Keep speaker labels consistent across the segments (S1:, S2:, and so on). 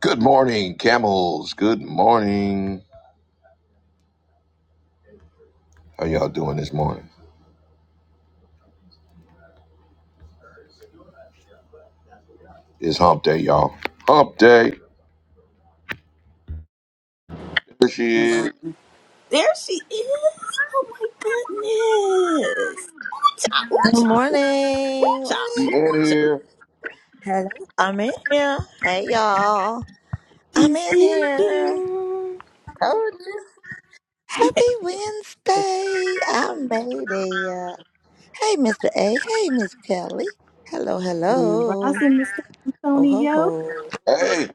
S1: Good morning, camels. Good morning. How y'all doing this morning? It's hump day, y'all. Hump day. There she
S2: There
S1: is.
S2: she is. Oh my goodness. Ooh-cha,
S3: Good
S2: ooh-cha,
S3: morning.
S2: ooh-cha,
S3: Morning.
S1: She in
S2: ooh-cha.
S1: here.
S3: Hello. I'm in here. Hey y'all. I'm
S2: She's
S3: in
S2: in
S3: here.
S2: here.
S3: Told you. Happy
S2: It's
S3: Wednesday. I made it. Hey Mr. A. Hey Miss Kelly. Hello,
S2: Grand
S3: hello.
S2: Rising, Mr.
S3: Oh ho
S2: Antonio.
S3: ho.
S1: Hey,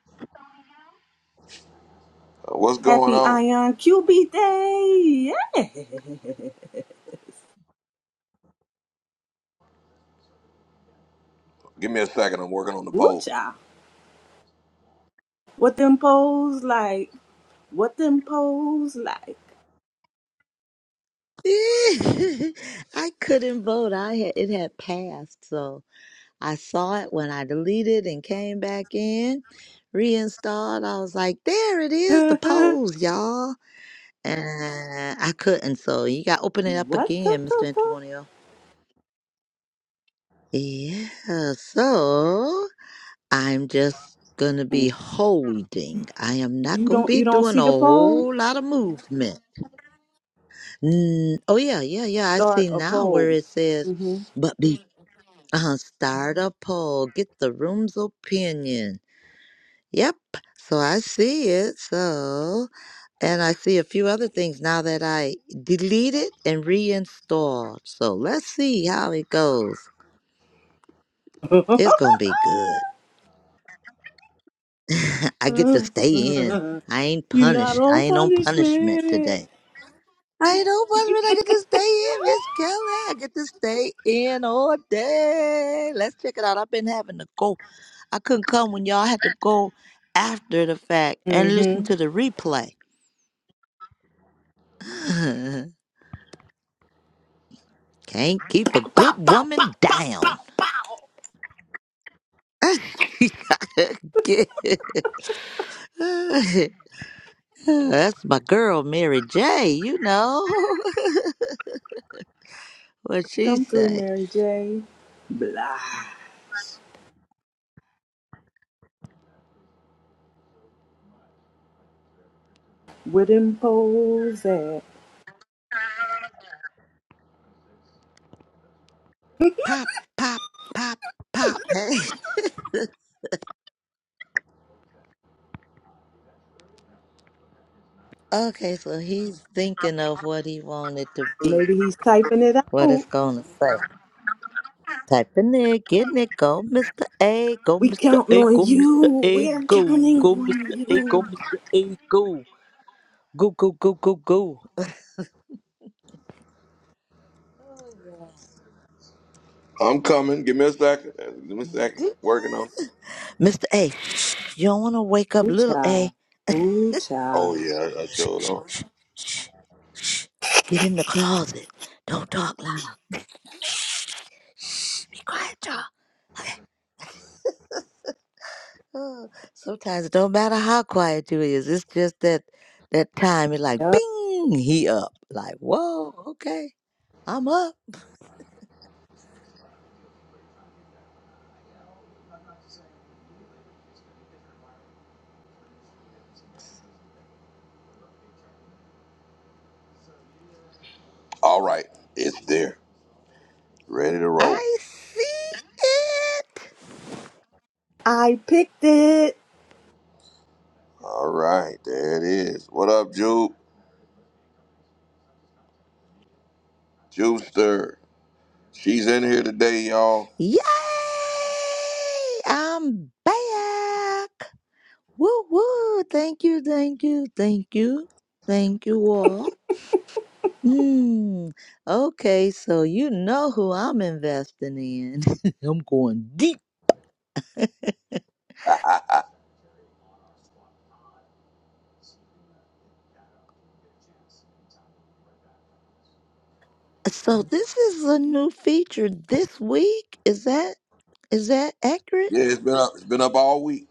S1: what's going
S2: Happy
S1: on?
S2: Ion QB Day. Yeah.
S1: Give me a second. I'm working on the poll.
S2: Ooh-cha. What them poles like? What them poles like?
S3: I couldn't vote. I had it had passed, so I saw it when I deleted and came back in, reinstalled. I was like, there it is, the
S2: what
S3: polls, y'all. Uh, I couldn't, so you got to open it up
S2: the,
S3: again, Mr.
S2: the,
S3: Antonio. Yeah, so I'm just going to
S2: the?
S3: be holding. I am not
S2: You
S3: going to
S2: don't
S3: be
S2: you don't
S3: doing
S2: see
S3: a
S2: the pole?
S3: whole lot of movement. Mm, oh, yeah, yeah, yeah. I see
S2: Start a
S3: now where
S2: poll.
S3: it says,
S2: hmm
S3: but be uh, start a poll, get the room's opinion. Yep, so I see it, so. And I see a few other things now that I deleted and reinstalled. So let's see how it goes. It's going to be good. I get to stay in.
S2: You're
S3: I ain't
S2: not
S3: punished.
S2: on
S3: I ain't on punishment
S2: punishment.
S3: today. I ain't on punishment. I get to stay in, Miss Kelly. I get to stay in all day. Let's check it out. I've been having to go. I couldn't come when y'all had to go after the fact and listen
S2: Mm-hmm.
S3: to the replay. Can't keep a
S2: Pow,
S3: good
S2: pow, pow,
S3: woman
S2: pow, pow,
S3: down.
S2: pow.
S3: Good. That's my girl, Mary J. You know what she
S2: Come through,
S3: say?
S2: Mary J. Blige. With him pose that.
S3: Pop, pop, pop, pop. Hey. Okay, so he's thinking of what he wanted to be,
S2: Maybe he's typing it
S3: what it's
S2: out.
S3: gonna say. Typing it, getting it, go, Mr. A, go,
S2: We
S3: Mr.
S2: counting
S3: A,
S2: on
S3: go, Mr.
S2: you.
S3: A,
S2: We're
S3: go,
S2: counting
S3: go,
S2: on
S3: Mr. A, go,
S2: you.
S3: Mr. A, go, go, go, go, go, go. Oh
S1: I'm coming. Give me a second. Give me a second.
S3: yeah.
S1: Working on.
S3: Mr. A. You don't want to wake up
S2: Ooh,
S3: little
S2: child.
S3: A.
S2: Ooh, child.
S1: Oh, yeah, I I
S3: Shh,
S1: showed
S3: shh,
S1: on.
S3: shh, shh, shh. Get in the closet. Don't talk loud. Shh, be quiet, y'all. Okay. Oh, sometimes it don't matter how quiet you is. It's just that that time. It's like,
S2: Yep.
S3: bing, he up. Like, whoa, okay. I'm up.
S1: All right. It's there. Ready to roll.
S3: I see it.
S2: I picked it.
S1: All right. There it is. What up, Jupe? Jupester. She's in here today, y'all.
S3: Yay! I'm back. Woo woo! Thank you, thank you, thank you, thank you all. Hmm. Okay, so you know who I'm investing in. I'm going deep.
S1: yeah,
S3: So this is a new feature this week. Is that is that accurate?
S1: it's been up. It's been up all week.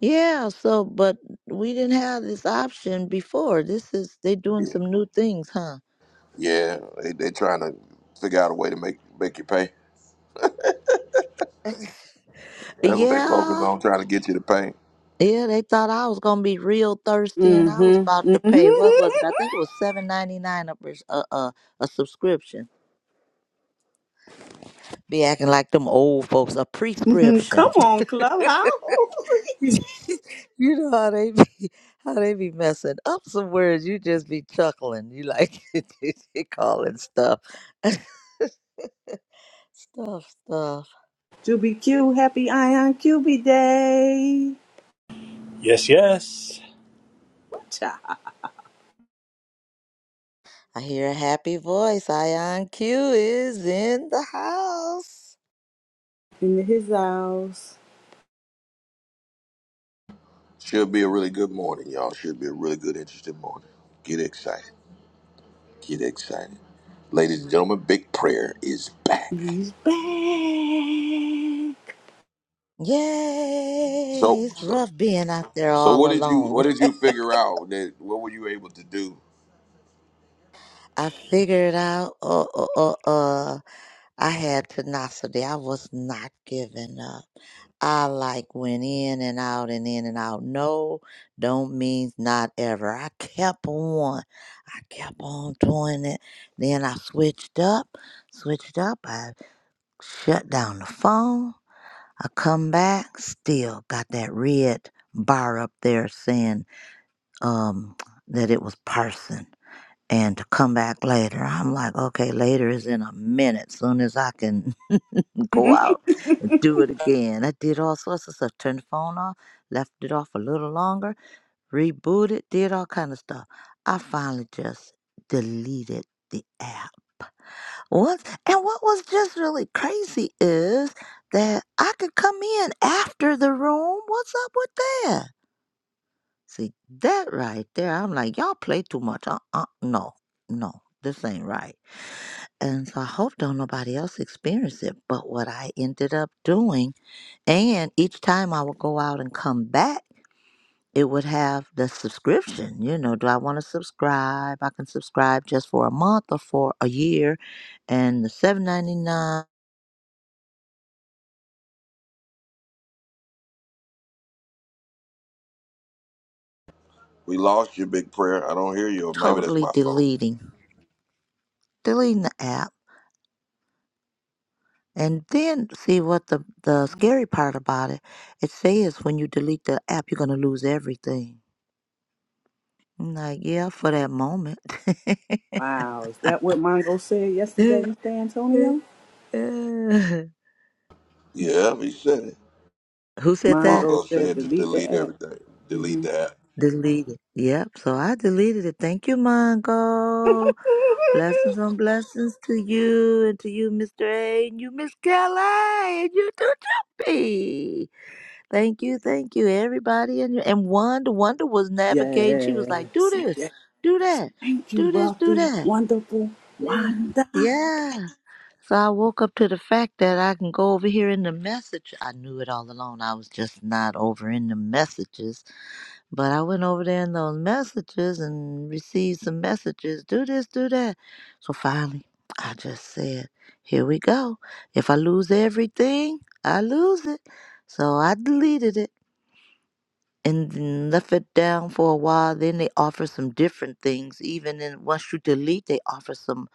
S3: Yeah. So, but we didn't have this option before. This is they doing some new things, huh?
S1: Yeah, they they trying to figure out a way to make make you pay. That's what they focus
S3: Yeah.
S1: on, trying to get you to pay.
S3: Yeah, they thought I was gonna be real thirsty, and I was
S2: Mm-hmm.
S3: about to pay. What was it? I think it was seven ninety nine a pres- a a a subscription. Be acting like them old folks a
S2: Mm-hmm. Come
S3: prescription.
S2: on, Clubhouse.
S3: you know how they be how they be messing up some words. You just be chuckling. You like they calling stuff stuff stuff.
S2: Juby Q, happy Ion QB Day.
S4: Yes, yes,
S2: Cha.
S3: I hear a happy voice. Ion Q is in the house.
S2: Into his house.
S1: Should be a really good morning, y'all. Should be a really good, interesting morning. Get excited. Get excited. Ladies and gentlemen, big prayer is back.
S2: He's back.
S3: Yay!
S1: So
S3: It's
S1: so,
S3: rough being out there
S1: so
S3: all
S1: what did you what
S3: alone.
S1: did you figure out that what were you able to do?
S3: I figured out, uh, uh, uh, uh, I had tenacity. I was not giving up. I like went in and out and in and out. No, don't means not ever. I kept on. I kept on doing it. Then I switched up, switched up. I shut down the phone. I come back, still got that red bar up there saying um, that it was person and to come back later. I'm like, okay, later is in a minute. Soon as I can go out and do it again. I did all sorts of stuff. Turned the phone off, left it off a little longer, rebooted, did all kind of stuff. I finally just deleted the app. What and what was just really crazy is that I could come in after the room. What's up with that? See, that right there, I'm like, y'all play too much. Uh, uh, no, no, this ain't right. And so I hope don't nobody else experience it. But what I ended up doing, and each time I would go out and come back, it would have the subscription. You know, do I want to subscribe? I can subscribe just for a month or for a year, and the seven ninety nine.
S1: We lost your big prayer. I don't hear you, or maybe that's
S3: Totally
S1: my phone.
S3: deleting, deleting the app And then see what the the scary part about it. It says when you delete the app, you're gonna lose everything. I'm like, yeah, for that moment.
S2: Wow, is that what Mongo said yesterday, Mr. Antonio?
S1: Yeah, he said it.
S3: Who said that?
S2: Mongo
S1: Mongo
S2: said
S1: said to
S2: delete
S1: delete
S2: the app.
S1: everything.
S2: mm
S1: Delete
S2: hmm
S1: that.
S3: Deleted. Yep. So I deleted it. Thank you, Mongo. Blessings on blessings to you and to you, Mr. A, and you, Miss Kelly, and you too, Jumpy. Thank you, thank you, everybody. And and Wanda, Wanda was navigating. She was like, "Do
S2: Yes.
S3: this,
S2: yes.
S3: do that,
S2: Thank you,
S3: do this, do
S2: wealthy,
S3: that."
S2: wonderful
S3: Yeah,
S2: Wanda.
S3: yeah. So I woke up to the fact that I can go over here in the message. I knew it all along. I was just not over in the messages, but I went over there in those messages and received some messages. Do this, do that. So finally, I just said, "Here we go. If I lose everything, I lose it." So I deleted it and then left it down for a while. Then they offer some different things. Even then, once you delete, they offer some.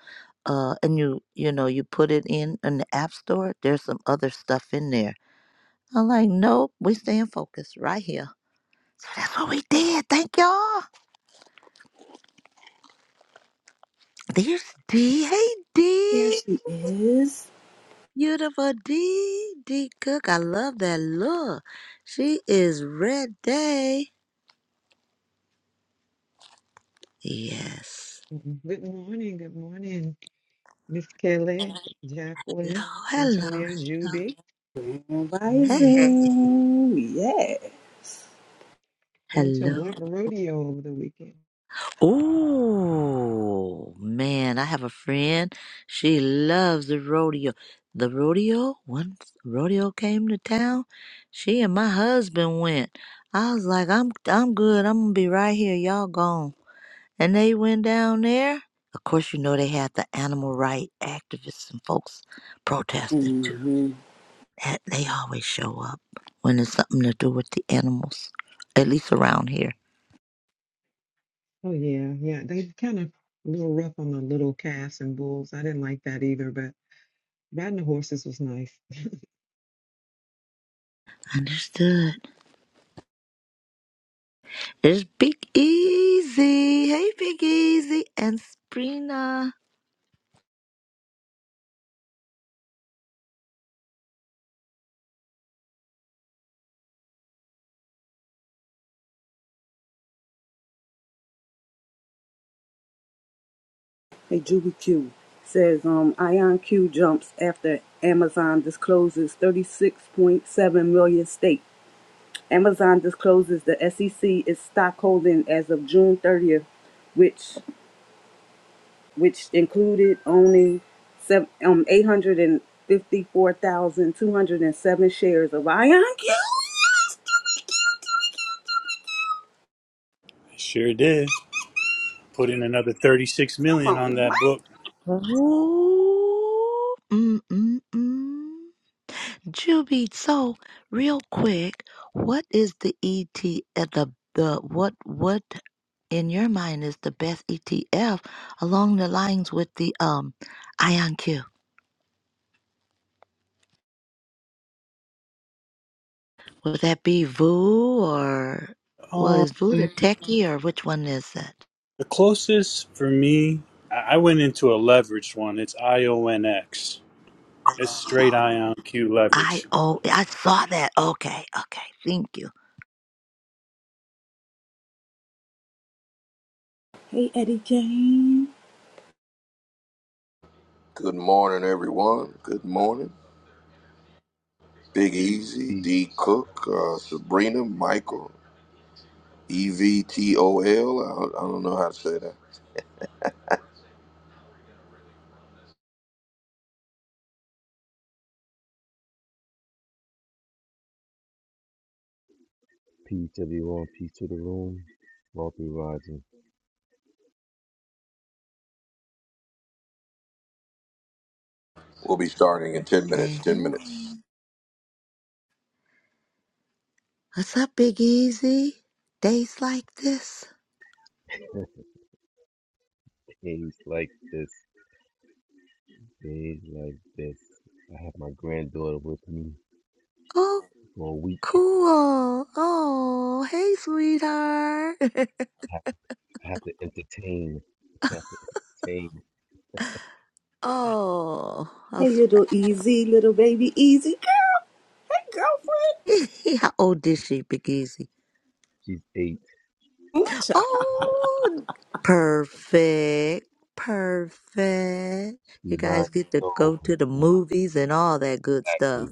S3: Uh, and you you know you put it in in the app store. There's some other stuff in there. I'm like, nope, we staying focused right here. So that's what we did. Thank y'all. There's D. Hey
S2: There
S3: D.
S2: she is.
S3: Beautiful D. D Cook. I love that look. She is red day. Yes.
S5: Mm-hmm. Good morning, good morning, Miss Kelly,
S3: Hello,
S5: Jacqueline,
S3: hello,
S5: Antonio,
S3: hello.
S5: Juby.
S2: And
S5: Good morning,
S3: Hey.
S5: thank you.
S2: rising. Yeah.
S5: I went to a
S3: Hello.
S5: black rodeo over the weekend.
S3: Oh man, I have a friend. She loves the rodeo. The rodeo, once rodeo came to town, she and my husband went. I was like, I'm I'm good. I'm gonna be right here. Y'all gone. And they went down there. Of course, you know they had the animal right activists and folks protested too.
S2: Mm-hmm.
S3: That they always show up when it's something to do with the animals, at least around here.
S5: Oh yeah, yeah. They kind of a little rough on the little calves and bulls. I didn't like that either, but riding the horses was nice.
S3: Understood. There's Big Easy. Hey, Big Easy and Sprina.
S2: Hey, Juby Q says, um, Ion Q jumps after Amazon discloses 36.7 million stake. Amazon discloses the SEC is stockholding as of June 30th, which which included owning sev- um, 854,207 shares of Ion Q.
S4: I sure did. Put in another 36
S2: Come
S4: million on
S2: on.
S4: that book.
S3: Ooh, mm, mm, mm. Juby, so real quick, what is the ET at the the what what in your mind is the best ETF along the lines with the um IonQ? Would that be VU or well
S4: Um,
S3: is VU the
S4: the
S3: techie or which one is it?
S4: closest for me, I I went into a leveraged one. It's IONX. It's straight IonQ
S3: I
S4: leverage.
S3: oh I saw that. Okay, okay, thank you.
S2: Hey, Eddie Jane.
S1: Good morning, everyone. Good morning. Big Easy, D Cook, uh, Sabrina, Michael, E V T O L. I I don't know how to say that. We'll be starting in 10 minutes.
S3: Hey,
S1: 10 minutes.
S3: hey. what's up, Big Easy? Days like this? Oh, cool. Oh, hey, sweetheart. oh, how,
S2: Hey,
S3: sp-
S2: little easy, little baby easy girl. Hey, girlfriend.
S3: how old is she, Big Easy?
S2: Mucha.
S3: Oh, perfect. Perfect. You guys get to go to the movies and all that good stuff.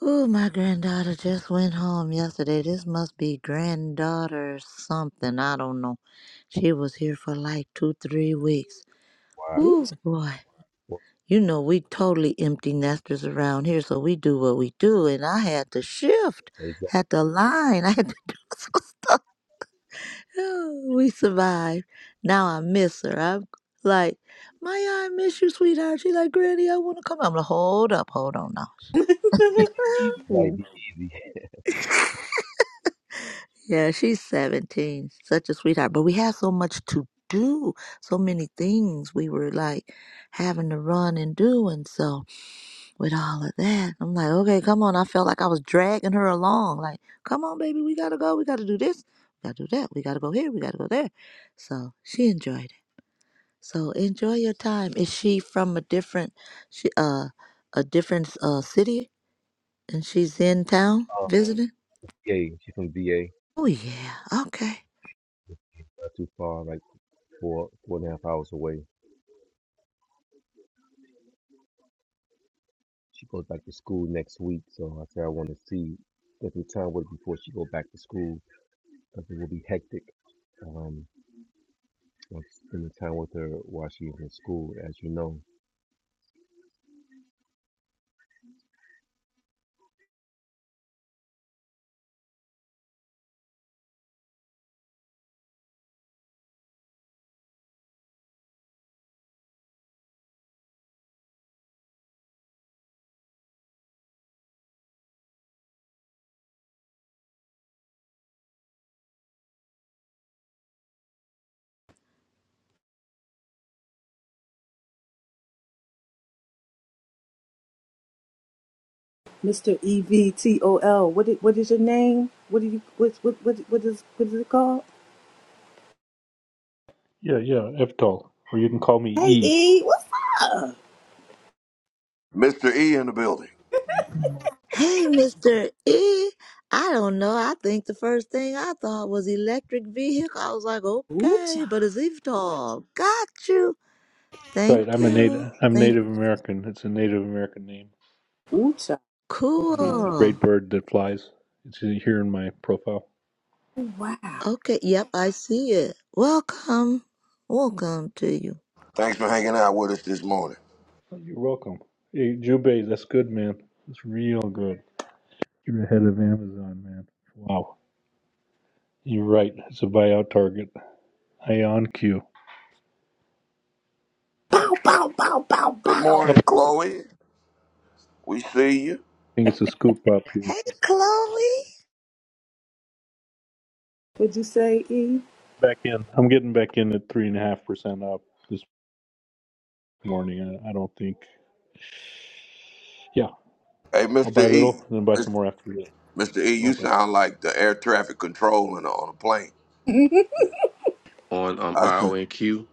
S3: Ooh, my granddaughter just went home yesterday. This must be granddaughter something. I don't know. She was here for like two, three weeks. Ooh, boy. You know, we totally empty nesters around here, so we do what we do. And I had to shift, had to line. I had to do something. We survived. Now I miss her. I'm like, Maya, I miss you, sweetheart. She like, Granny, I want to come. I'm like, hold up, hold on now. Yeah, she's 17. Such a sweetheart. But we had so much to do, so many things we were like having to run and do. And so, with all of that, I'm like, okay, come on. I felt like I was dragging her along. Like, come on, baby, we got to go. We got to do this. We got to do that. We got to go here. We got to go there. So, she enjoyed it. So, enjoy your time. Is she from a different, she, uh, a different uh, city and she's in town visiting? Oh, yeah. Okay.
S2: Mr. E V T O L. What is, what is your name? What do you what what what what is what is it called?
S6: Yeah, yeah, Eftal, or you can call me
S2: Hey,
S6: E.
S2: E, what's
S1: Mr. E in the building.
S3: Hey, Mr. E. I don't know. I think the first thing I thought was electric vehicle. I was like,
S2: Ucha.
S3: okay, but it's EVTOL. Got you.
S6: Right,
S3: Thank
S6: I'm a native.
S3: you.
S6: I'm
S3: Thank
S6: Native American. It's a Native American name.
S2: Ucha.
S6: It means the
S2: Okay.
S6: great
S3: Cool.
S6: bird that flies. It's here in my profile.
S2: Wow.
S3: Okay. Yep, I see it. Welcome. Welcome to you.
S1: Thanks for hanging out with us this morning.
S6: Oh, You're welcome. Hey, Jubei, that's good, man. That's real good. You're ahead of Amazon, man. Wow. You're right. It's a buyout target. I on cue.
S2: bow, bow, bow, bow,
S1: Good
S2: bow?
S6: Up,
S1: morning,
S6: I
S1: Chloe. We see you.
S6: think it's a scoop up here.
S3: Hey, Chloe.
S2: What'd you say, E?
S6: Back in. I'm getting back in at three and a half percent up this morning. I, I don't think. Yeah,
S1: Hey,
S6: I'll buy
S1: Mr.
S6: a
S1: E.
S6: little and then buy some
S1: Mis-
S6: more after this.
S1: Mr. E, you
S6: Open.
S1: sound like the air traffic control in- on a plane.
S7: on um,
S1: I,
S7: RONQ.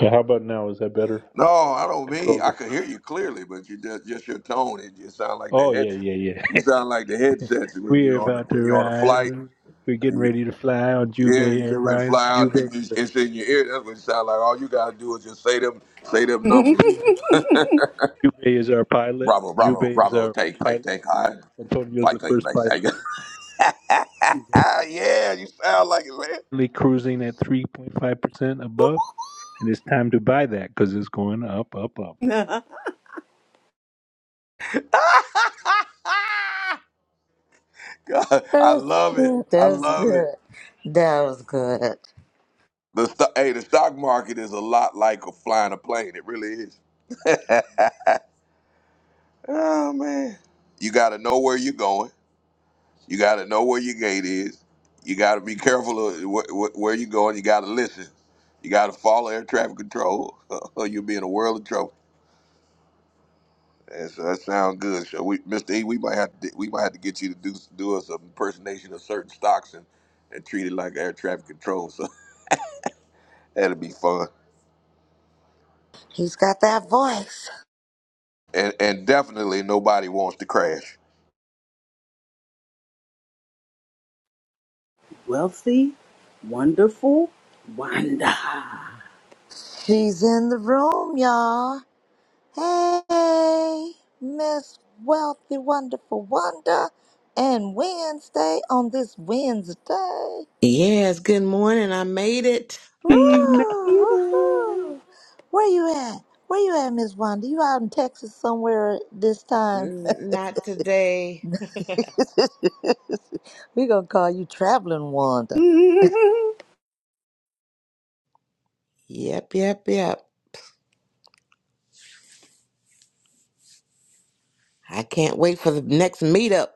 S6: Yeah, How about now? Is that better?
S1: no, I don't mean. I
S6: Controllers.
S1: could hear you clearly, but you just, just your tone. It just sound like the
S6: Oh
S1: head.
S6: yeah, yeah, yeah.
S1: You sound like the headsets when
S6: We are
S1: you on the,
S6: about to
S1: when you're on a
S6: ride.
S1: flight.
S6: We're we're getting ready to fly on
S1: Yeah,
S6: Jubei
S1: you get ready to
S6: Airlines.
S1: fly out
S6: Jubei
S1: and you,
S6: is a,
S1: it's in your ear. That's what it sounds like. All you gotta do is just say them, say them numbers.
S6: Jubei, Jubei is our pilot.
S1: Bravo, bravo,
S6: Jubei is
S1: bravo.
S6: our
S1: Take, take,
S6: pilot.
S1: take high.
S6: Antonio is
S1: Flight,
S6: the
S1: take,
S6: first pilot.
S1: take, take.
S6: We're
S1: yeah, you sound like it, man.
S6: currently cruising at three point five percent above, and it's time to buy that because it's going up, up, up.
S2: Wanda.
S1: God, I
S3: That's
S1: love it.
S3: good.
S1: I
S3: That's
S1: love it.
S3: good. That was good.
S1: The sto- hey, the stock market is a lot like a flying a plane. It really is. Oh man, you gotta know where you're going. You got to know where your gate is. You got to be careful of wh- wh- where you're going. You got to listen. You got to follow air traffic control, or you'll be in a world of trouble. And so that sounds good. So we, Mr. E, we might have to we might have to get you to do do us an impersonation of certain stocks and, and treat it like air traffic control. So that'll be fun.
S3: He's got that voice.
S1: And and definitely nobody wants to crash.
S2: Wealthy, wonderful, wonder.
S3: She's in the room, y'all. Hey, Miss Wealthy, Wonderful Wonder, and Wednesday on this Wednesday.
S8: Yes, good morning. I made it.
S2: she made
S3: Woo,
S2: it.
S3: woo Where you at? Where you at, Miss Wanda? You out in Texas somewhere this time?
S8: N- Not today.
S3: we gonna call you Traveling Wanda.
S8: Yep, yep, yep. I can't wait for the next meetup.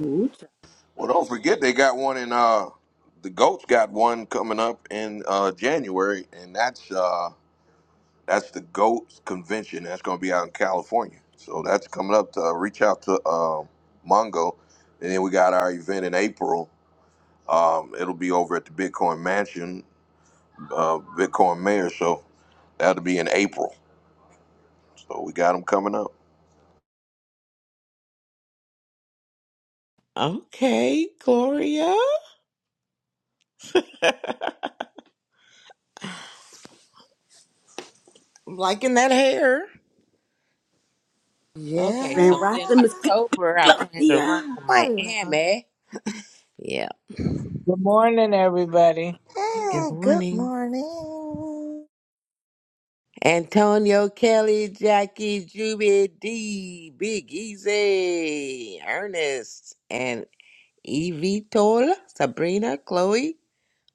S2: Ucha.
S1: Well, don't forget they got one in uh the goats got one coming up in uh January, and that's uh That's the GOAT convention. That's going to be out in California. So that's coming up. To uh, reach out to um, Mongo, and then we got our event in April. Um, it'll be over at the Bitcoin Mansion, uh, Bitcoin Mayor. So that'll be in April. So we got them coming up.
S8: Okay, Gloria. I'm liking that hair. Okay,
S2: Grand
S8: so
S3: Yeah.
S8: then
S2: Rising Miss
S8: October, I plan to run
S2: Claudia.
S8: to
S3: Hello.
S8: Miami. Yeah.
S9: Good morning, everybody.
S8: Good
S3: Hey, good
S8: morning.
S3: morning.
S8: Antonio, Kelly, Jackie, Juby, D, Big Easy, Ernest, and Evie Tola, Sabrina, Chloe,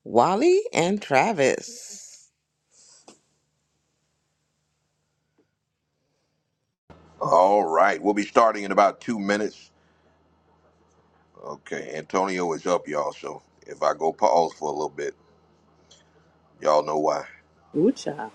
S8: Wally and Travis.
S1: All right, we'll be starting in about two minutes. Okay, Antonio is up, y'all. So if I go pause for a little bit, y'all know why.
S2: Ucha.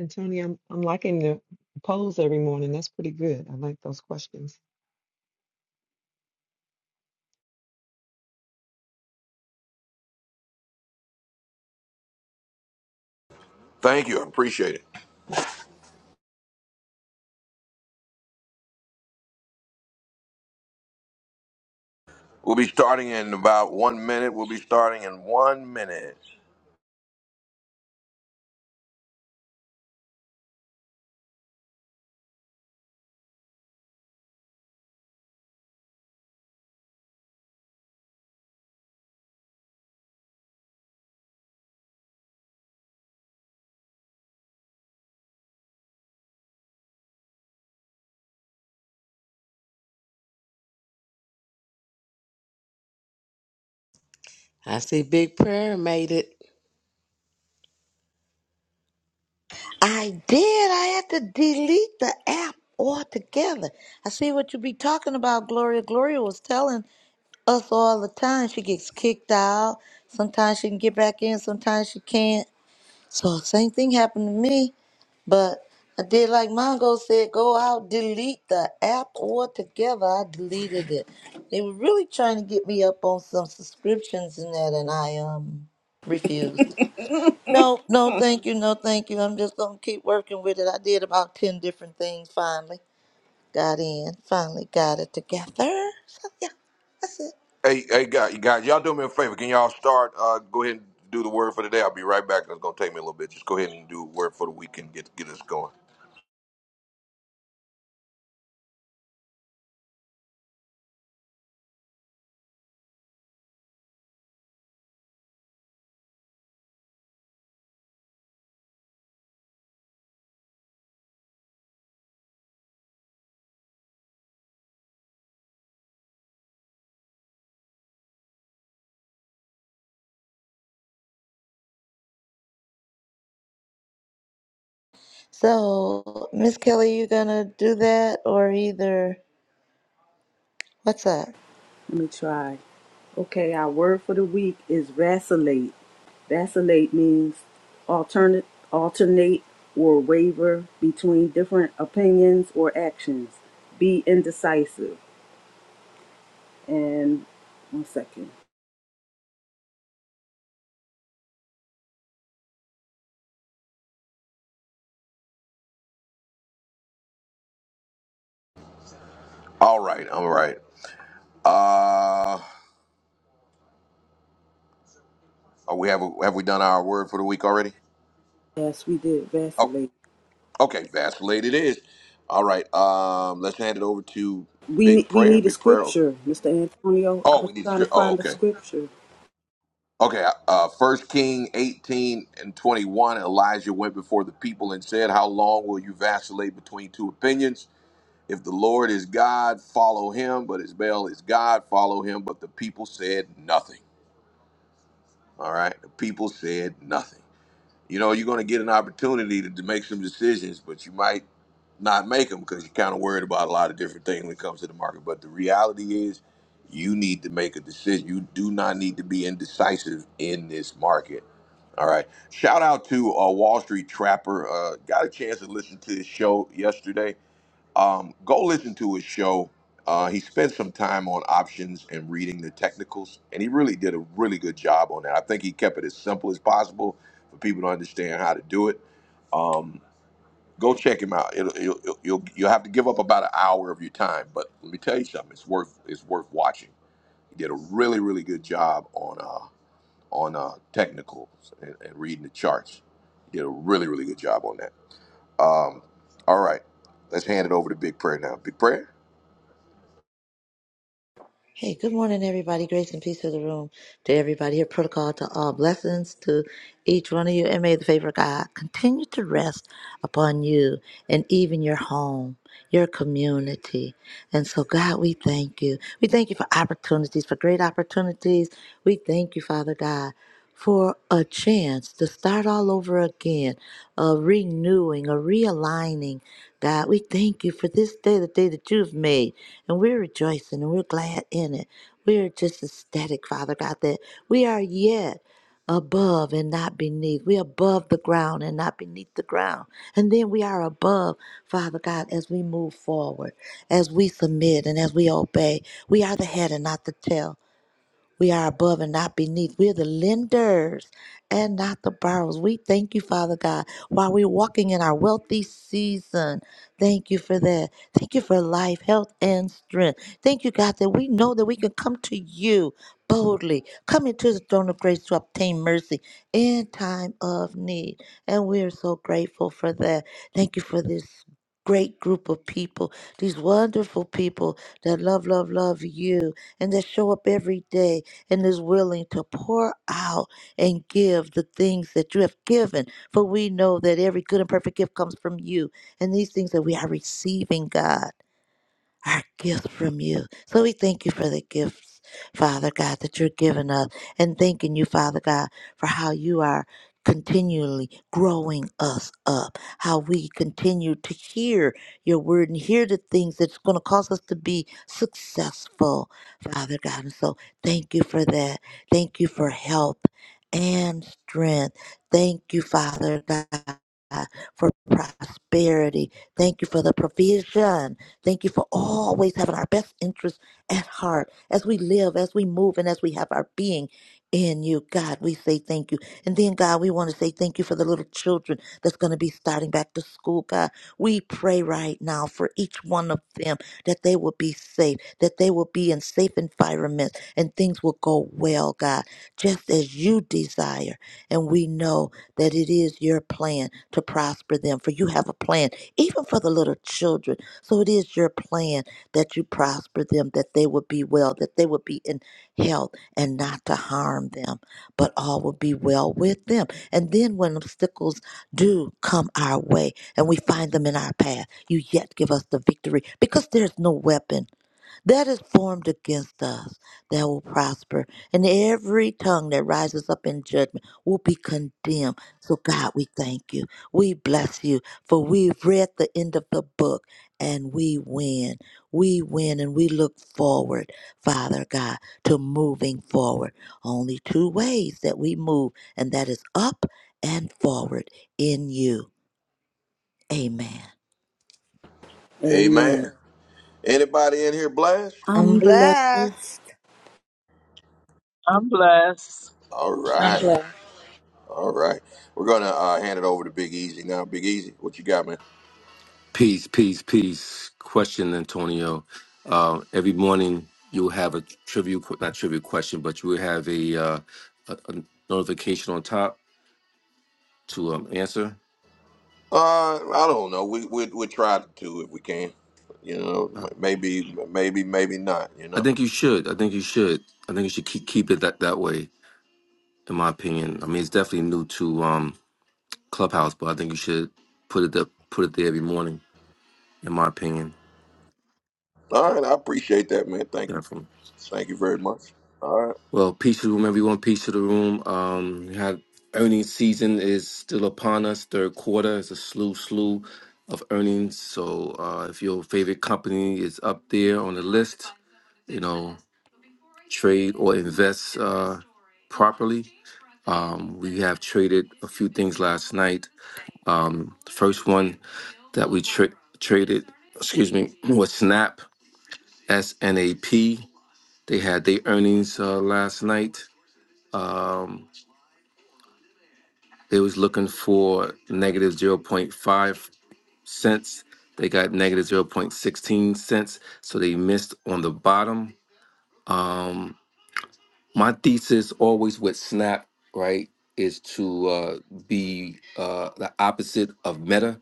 S5: Antonio, I'm, I'm liking the polls every morning. That's pretty good. I like those questions.
S1: Thank you. I appreciate it. We'll be starting in about one minute. We'll be starting in one minute.
S8: I see Big Prayer made it.
S3: I did. I had to delete the app altogether. I see what you be talking about, Gloria. Gloria was telling us all the time she gets kicked out. Sometimes she can get back in, sometimes she can't. So same thing happened to me. But I did like Mongo said, go out, delete the app altogether. I deleted it. They were really trying to get me up on some subscriptions and that and I um refused. No, no, thank you, no, thank you. I'm just gonna keep working with it. I did about ten different things. Finally, got in. Finally, got it together. So yeah, that's it.
S1: Hey, hey, guys, guys, y'all do me a favor. Can y'all start? Uh, go ahead and do the word for the day. I'll be right back. It's gonna take me a little bit. Just go ahead and do word for the week and get get us going.
S3: So, Miss Kelly, you gonna do that or either? What's up?
S2: Let me try. Okay, our word for the week is vacillate. Vacillate means alternate, alternate or waver between different opinions or actions. Be indecisive. And one second.
S1: All right, all right. Uh, are we have have we done our word for the week already?
S2: Yes, we did
S1: Oh,
S2: vacillate.
S1: okay, vacillated it is. All right. Um, let's hand it over to
S2: We ne-
S1: Big
S2: we
S1: Prayer.
S2: need a
S1: Big Prayer.
S2: scripture, Mr. Antonio. I
S1: Oh,
S2: was
S1: we need
S2: trying to
S1: script. Oh,
S2: find a
S1: okay.
S2: scripture.
S1: Okay, uh, 1 King 18 and 21, Elijah went before the people and said, How long will you vacillate between two opinions? If the Lord is God, follow him. But as Baal is God, follow him. But the people said nothing. All right. The people said nothing. You know, you're going to get an opportunity to, to make some decisions, but you might not make them because you're kind of worried about a lot of different things when it comes to the market. But the reality is, you need to make a decision. You do not need to be indecisive in this market. All right. Shout out to uh, Wall Street Trapper. Uh, got a chance to listen to his show yesterday um, go listen to his show. Uh, he spent some time on options and reading the technicals, and he really did a really good job on that. I think he kept it as simple as possible for people to understand how to do it. Um, go check him out. It'll, it'll, it'll, you'll you'll have to give up about an hour of your time, but let me tell you something. It's worth it's worth watching. He did a really really good job on uh, on uh, technicals and, and reading the charts. He did a really really good job on that. Um, all right, let's hand it over to Big Prayer now. Big Prayer.
S3: Hey, good morning, everybody. Grace and peace to the room, to everybody here. Protocol to all blessings to each one of you, and may the favor of God continue to rest upon you and even your home, your community. And so, God, we thank you. We thank you for opportunities, for great opportunities. We thank you, Father God for a chance to start all over again, a renewing, a realigning. God, we thank you for this day, the day that you've made, and we're rejoicing and we're glad in it. We're just ecstatic, Father God, that we are yet above and not beneath. We're above the ground and not beneath the ground. And then we are above, Father God, as we move forward, as we submit and as we obey. We are the head and not the tail. We are above and not beneath. We're the lenders and not the borrowers. We thank you, Father God, while we're walking in our wealthy season. Thank you for that. Thank you for life, health, and strength. Thank you, God, that we know that we can come to you boldly, come into the throne of grace to obtain mercy in time of need. And we are so grateful for that. Thank you for this great group of people, these wonderful people that love, love, love you and that show up every day and is willing to pour out and give the things that you have given. For we know that every good and perfect gift comes from you. And these things that we are receiving, God our gift from you. So we thank you for the gifts, Father God, that you're giving us, and thanking you, Father God, for how you are continually growing us up, how we continue to hear your word and hear the things that's going to cause us to be successful, Father God. And so thank you for that. Thank you for help and strength. Thank you, Father God. For prosperity. Thank you for the provision Thank you for always having our best interests at heart as we live, as we move, and as we have our being in you. God, we say thank you. And then, God, we want to say thank you for the little children that's going to be starting back to school, God. We pray right now for each one of them that they will be safe, that they will be in safe environments, and things will go well, God, just as you desire. And we know that it is your plan to prosper them, for you have a plan, even for the little children. So it is your plan that you prosper them, that they would be well, that they would be in health and not to harm them, but all will be well with them. And then when obstacles do come our way and we find them in our path, you yet give us the victory because there's no weapon that is formed against us that will prosper. And every tongue that rises up in judgment will be condemned. So, God, we thank you. We bless you, for we've read the end of the book and we win. We win and we look forward, Father God, to moving forward. Only two ways that we move, and that is up and forward in you. Amen.
S2: Amen.
S1: Amen. Anybody in here blessed?
S2: I'm
S3: I'm blessed.
S2: blessed. Wednesday
S9: I'm blessed.
S1: All
S10: I'm
S1: right.
S10: glad.
S1: All right. We're gonna uh, hand it over to Big Easy now. Big Easy, what you got, man?
S7: Peace, peace, peace. Question, Antonio. Uh, every morning you'll have a trivial, not trivial question, but you will have a, uh, a, a notification on top to um, answer.
S1: Uh, I don't know. We we we try to if we can. You know, m-
S7: No.
S1: maybe maybe maybe not. You
S7: I
S1: know.
S7: think you should. I think you should. I think you should keep keep it that, that way. In my opinion, I mean it's definitely new to um, Clubhouse, but I think you should put it up, put it there every morning. In my opinion,
S1: All right. I appreciate that, man. Thank you.
S7: definitely.
S1: Thank you very much. All right.
S7: Well, peace to the room, everyone. Peace to the room. Um, we had earnings season is still upon us. Third quarter is a slew slew of earnings. So uh, if your favorite company is up there on the list, you know, trade or invest uh, properly. Um, we have traded a few things last night. Um, the first one that we tra- traded, excuse me, was Snap S N A P. They had their earnings uh, last night. Um, They was looking for negative zero point 0.5 cents. They got negative zero point 0.16 cents. So they missed on the bottom. Um, my thesis always with Snap, right, is to uh, be uh, the opposite of Meta.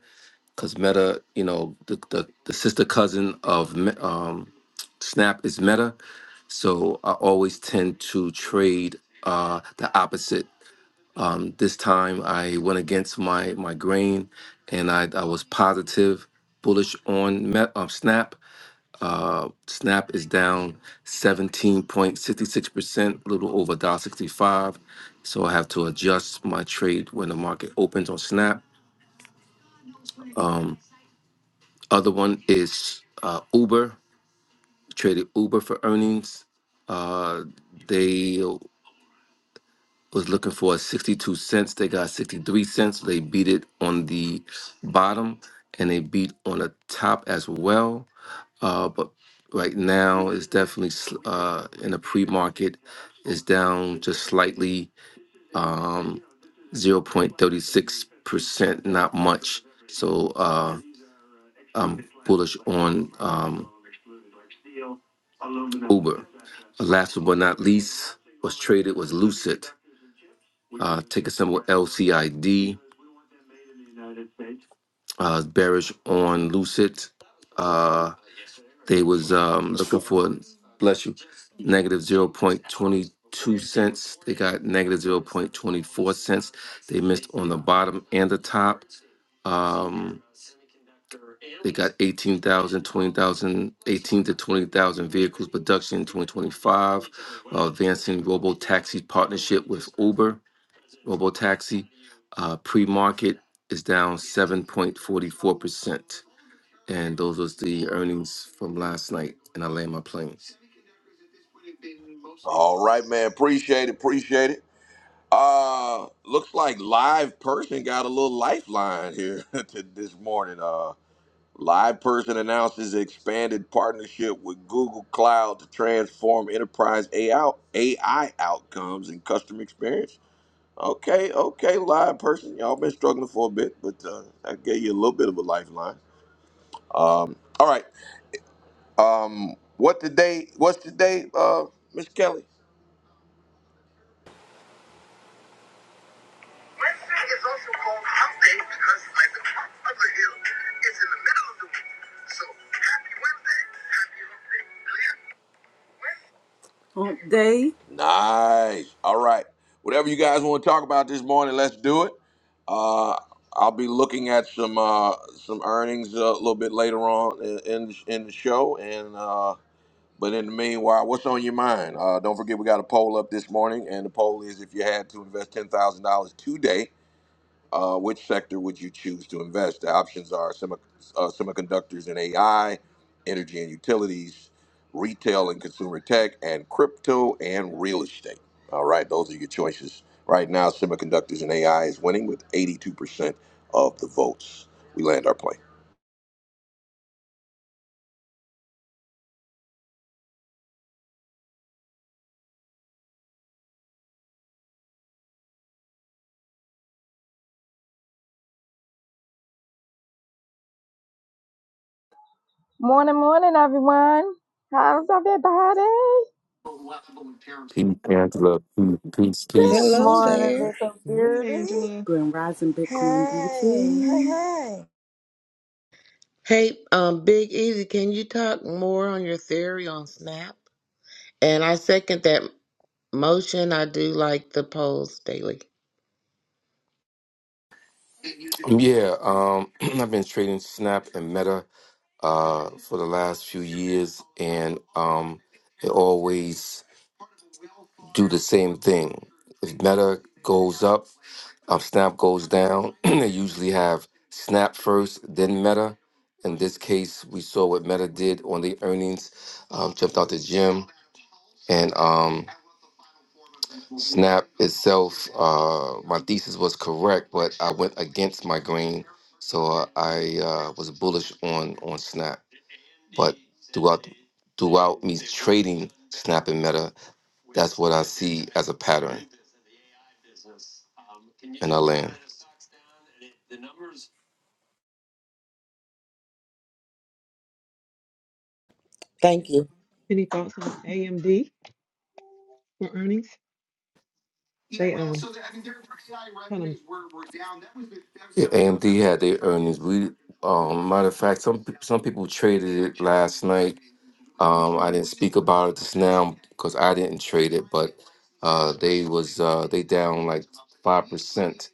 S7: Because Meta, you know, the, the, the sister cousin of Me- um, Snap is Meta. So I always tend to trade uh, the opposite. Um, this time I went against my my grain, and I, I was positive, bullish on Met, um, Snap. Uh, Snap is down 17.66%, a little over dollar sixty five, So I have to adjust my trade when the market opens on Snap. Um, other one is uh, Uber. Traded Uber for earnings. Uh, they was looking for 62 cents. They got 63 cents. They beat it on the bottom and they beat on the top as well. Uh, but right now, it's definitely sl- uh, in the pre market, it's down just slightly um, 0.36%, not much. So uh, I'm bullish on um, Uber. Last but not least, was traded was Lucid, uh, ticker symbol LCID uh, bearish on Lucid. Uh, they was um, looking for bless you negative zero point twenty two cents. They got negative zero point twenty four cents. They missed on the bottom and the top. Um, they got 18,000, 20,000, 18 to 20,000 vehicles production in 2025, while advancing robo taxi partnership with Uber. Robo Taxi. Uh, Pre market is down 7.44%. And those was the earnings from last night. And I land my planes.
S1: All right, man. Appreciate it. Appreciate it. Uh, looks like live person got a little lifeline here to this morning. Uh. Live Person announces expanded partnership with Google Cloud to transform enterprise AI, outcomes and customer experience. Okay, okay, Live Person, y'all been struggling for a bit, but uh, I gave you a little bit of a lifeline. Um, all right, um, what today? What's today, uh, Miss Kelly?
S2: is also called hump day because, like the top of the hill, it's in the middle of the week. So, happy Wednesday, happy hump day. Clear? Hump day.
S1: Nice. All right. Whatever you guys want to talk about this morning, let's do it. Uh, I'll be looking at some uh, some earnings uh, a little bit later on in in, in the show, and uh, but in the meanwhile, what's on your mind? Uh, don't forget we got a poll up this morning, and the poll is if you had to invest ten thousand dollars today uh, which sector would you choose to invest? The options are semi, uh, semiconductors and AI, energy and utilities, retail and consumer tech, and crypto and real estate. All right, those are your choices. Right now, semiconductors and AI is winning with 82% of the votes. We land our plane.
S11: Morning, morning, everyone. How's everybody?
S7: Peace, Angela. Peace,
S3: Good
S7: peace.
S8: Hello
S5: Good,
S3: morning,
S8: there.
S5: good
S3: Little
S5: morning,
S3: Beauty.
S5: Angela.
S2: Grand Rising Bitcoin
S3: Hey, hey,
S2: Beauty.
S3: hey.
S8: Hey, um, Big Easy, can you talk more on your theory on Snap? And I second that motion. I do like the polls daily.
S7: Um, Yeah, um, I've been trading Snap and Meta uh, for the last few years, and um, it always do the same thing. If Meta goes up, um, Snap goes down. they usually have Snap first, then Meta. In this case, we saw what Meta did on the earnings, um, jumped out the gym, and um, Snap itself, uh, my thesis was correct, but I went against my grain, so uh, I uh, was bullish on on Snap. But throughout throughout me trading Snap and Meta, that's what I see as a pattern, and I land.
S8: Thank you.
S5: Any thoughts on AMD for earnings?
S7: Yeah,
S5: They um kind of.
S7: AMD had their earnings. We, um, matter of fact, some pe- some people traded it last night Um, I didn't speak about it just now because I didn't trade it, but uh, they was uh, they down like five percent.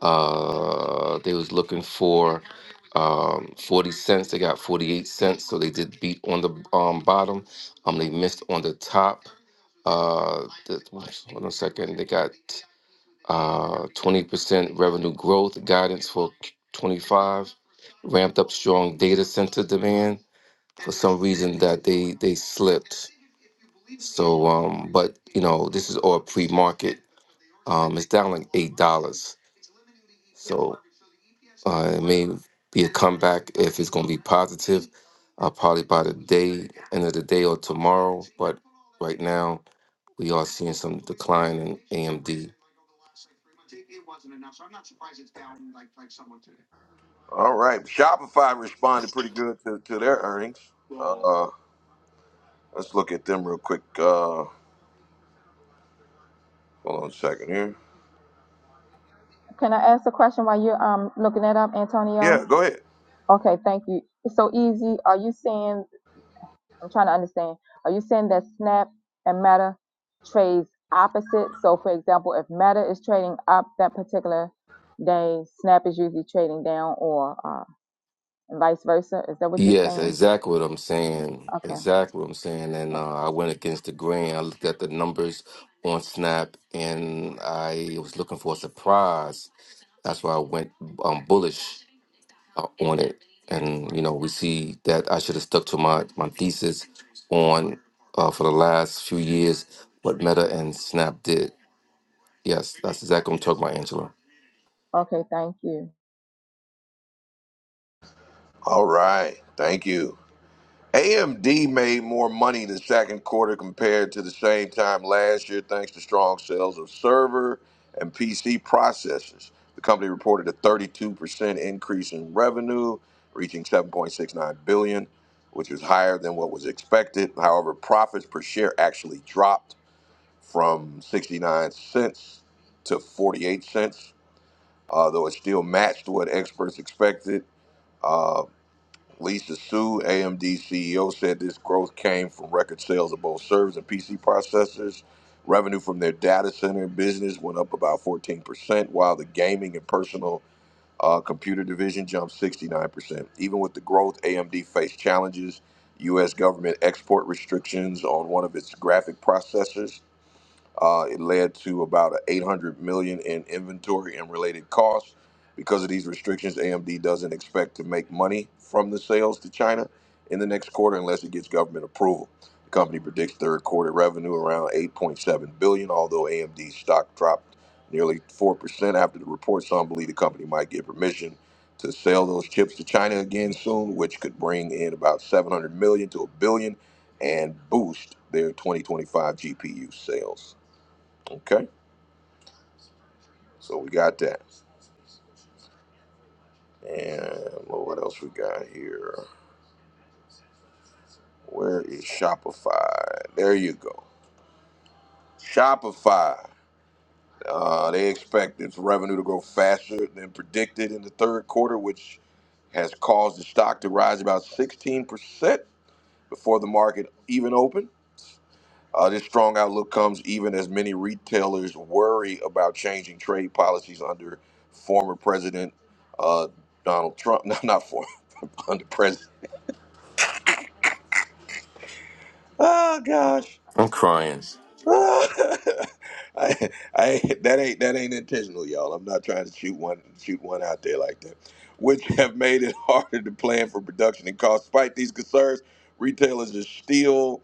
S7: Uh, they was looking for um, forty cents. They got forty eight cents, so they did beat on the um, bottom. Um, they missed on the top. Uh, the, hold on a second. They got uh twenty percent revenue growth guidance for twenty five. Ramped up strong data center demand. For some reason, that they they slipped so, um, but you know, this is all pre-market. Um, it's down like eight dollars. So uh, it may be a comeback if it's going to be positive. Uh, probably by the day, end of the day or tomorrow. But right now, we are seeing some decline in AMD.
S1: All right, Shopify responded pretty good to, to their earnings. Uh, let's look at them real quick. Uh, hold on a second here.
S11: Can I ask a question while you're um looking that up, Antonio?
S1: Yeah, go ahead.
S11: Okay, thank you. It's so easy. Are you saying? I'm trying to understand. Are you saying that Snap and Meta trades opposite? So, for example, if Meta is trading up that particular day, Snap is usually trading down, or uh, and vice versa. Is that what you're
S7: Yes,
S11: saying?
S7: exactly what I'm saying.
S11: Okay.
S7: Exactly what I'm saying. And uh, I went against the grain. I looked at the numbers on Snap, and I was looking for a surprise. That's why I went um, bullish uh, on it. And you know, we see that I should have stuck to my my thesis on uh, for the last few years what Meta and Snap did. Yes, that's exactly what I'm talking about, Angela.
S11: Okay. Thank you.
S1: All right, thank you. AMD made more money in the second quarter compared to the same time last year, thanks to strong sales of server and PC processors. The company reported a 32% increase in revenue, reaching 7.69 billion, which is higher than what was expected. However, profits per share actually dropped from 69 cents to 48 cents, uh, though it still matched what experts expected. uh, Lisa Su, AMD CEO, said this growth came from record sales of both servers and PC processors. Revenue from their data center business went up about 14%, while the gaming and personal uh, computer division jumped 69%. Even with the growth, AMD faced challenges. U.S. government export restrictions on one of its graphic processors uh, it led to about 800 million million dollars in inventory and related costs. Because of these restrictions, AMD doesn't expect to make money from the sales to China in the next quarter unless it gets government approval. The company predicts third quarter revenue around 8.7 billion, billion. dollars, although AMD's stock dropped nearly 4% after the report. Some believe the company might get permission to sell those chips to China again soon, which could bring in about 700 million million dollars to a billion and boost their 2025 GPU sales. Okay, so we got that. And Lord, what else we got here? Where is Shopify? There you go. Shopify. Uh, they expect its revenue to grow faster than predicted in the third quarter, which has caused the stock to rise about 16% before the market even opened. Uh, this strong outlook comes even as many retailers worry about changing trade policies under former President uh, Donald Trump. No, not former, under President. Oh gosh.
S7: I'm crying.
S1: I, I that ain't that ain't intentional, y'all. I'm not trying to shoot one shoot one out there like that. Which have made it harder to plan for production and cost. Despite these concerns, retailers are still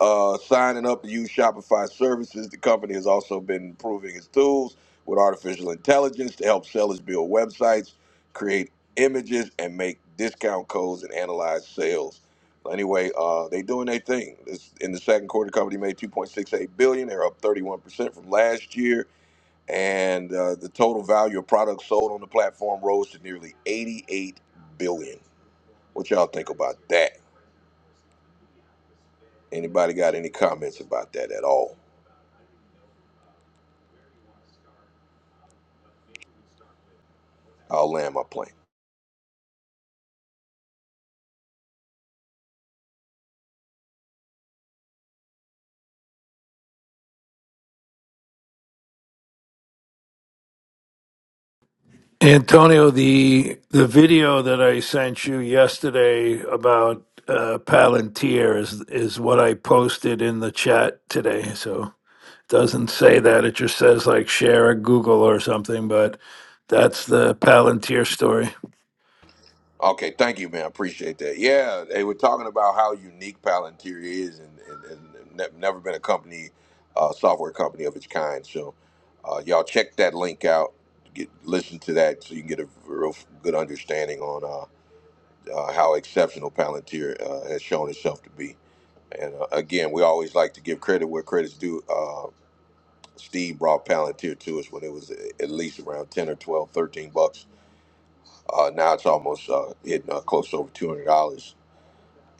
S1: uh, signing up to use Shopify services. The company has also been improving its tools with artificial intelligence to help sellers build websites, create images, and make discount codes and analyze sales. So Anyway, uh, they doing their thing. This, in the second quarter, the company made 2.68 billion. They're up 31 percent from last year, and uh, the total value of products sold on the platform rose to nearly 88 billion. What y'all think about that? Anybody got any comments about that at all? I'll land my plane.
S12: Antonio, the the video that I sent you yesterday about uh, Palantir is is what I posted in the chat today. So it doesn't say that; it just says like share a Google or something. But that's the Palantir story.
S1: Okay, thank you, man. Appreciate that. Yeah, they were talking about how unique Palantir is, and, and, and ne- never been a company, uh, software company of its kind. So, uh, y'all check that link out. Get listen to that so you can get a real good understanding on uh, uh, how exceptional Palantir uh, has shown itself to be. And uh, again, we always like to give credit where credit's due. Uh, Steve brought Palantir to us when it was at least around 10 or 12, 13 bucks Uh, now it's almost uh, hitting uh, close to over two hundred dollars.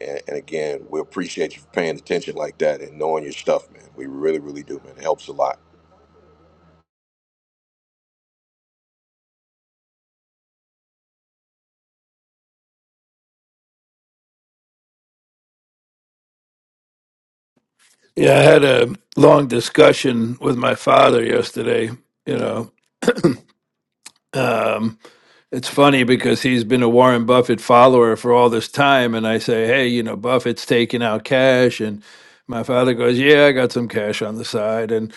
S1: And, and again, we appreciate you for paying attention like that and knowing your stuff, man. We really, really do, man. It helps a lot.
S12: Yeah, I had a long discussion with my father yesterday. You know, um, it's funny because he's been a Warren Buffett follower for all this time. And I say, hey, you know, Buffett's taking out cash. And my father goes, yeah, I got some cash on the side. And,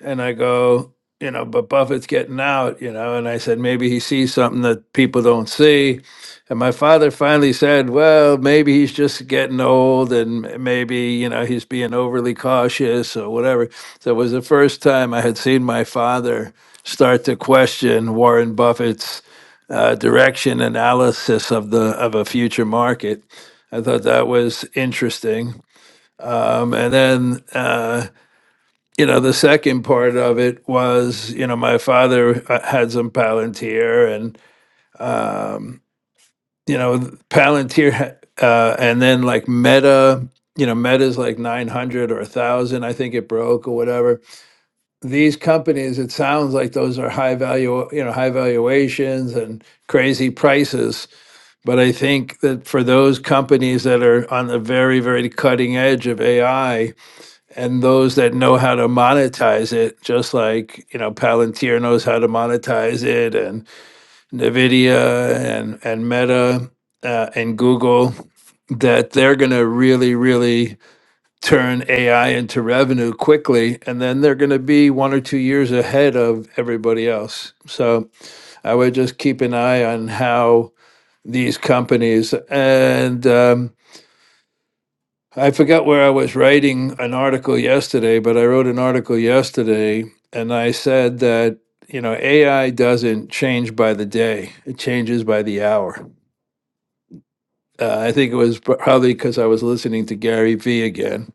S12: and I go, you know, but Buffett's getting out, you know. And I said, maybe he sees something that people don't see. And my father finally said, well, maybe he's just getting old and m- maybe, you know, he's being overly cautious or whatever. So it was the first time I had seen my father start to question Warren Buffett's uh, direction analysis of the of a future market. I thought that was interesting. Um, and then uh, you know the second part of it was you know my father uh, had some Palantir and um, you know Palantir uh, and then like Meta. You know, Meta's like 900 or 1,000, I think it broke or whatever these companies, it sounds like those are high value, you know, high valuations and crazy prices. But I think that for those companies that are on the very, very cutting edge of AI and those that know how to monetize it, just like, you know, Palantir knows how to monetize it and NVIDIA and, and Meta uh, and Google, that they're going to really, really turn AI into revenue quickly, and then they're going to be one or two years ahead of everybody else. So I would just keep an eye on how these companies and um, I forgot where I was writing an article yesterday, but I wrote an article yesterday and I said that you know AI doesn't change by the day; it changes by the hour. Uh, I think it was probably because I was listening to Gary Vee again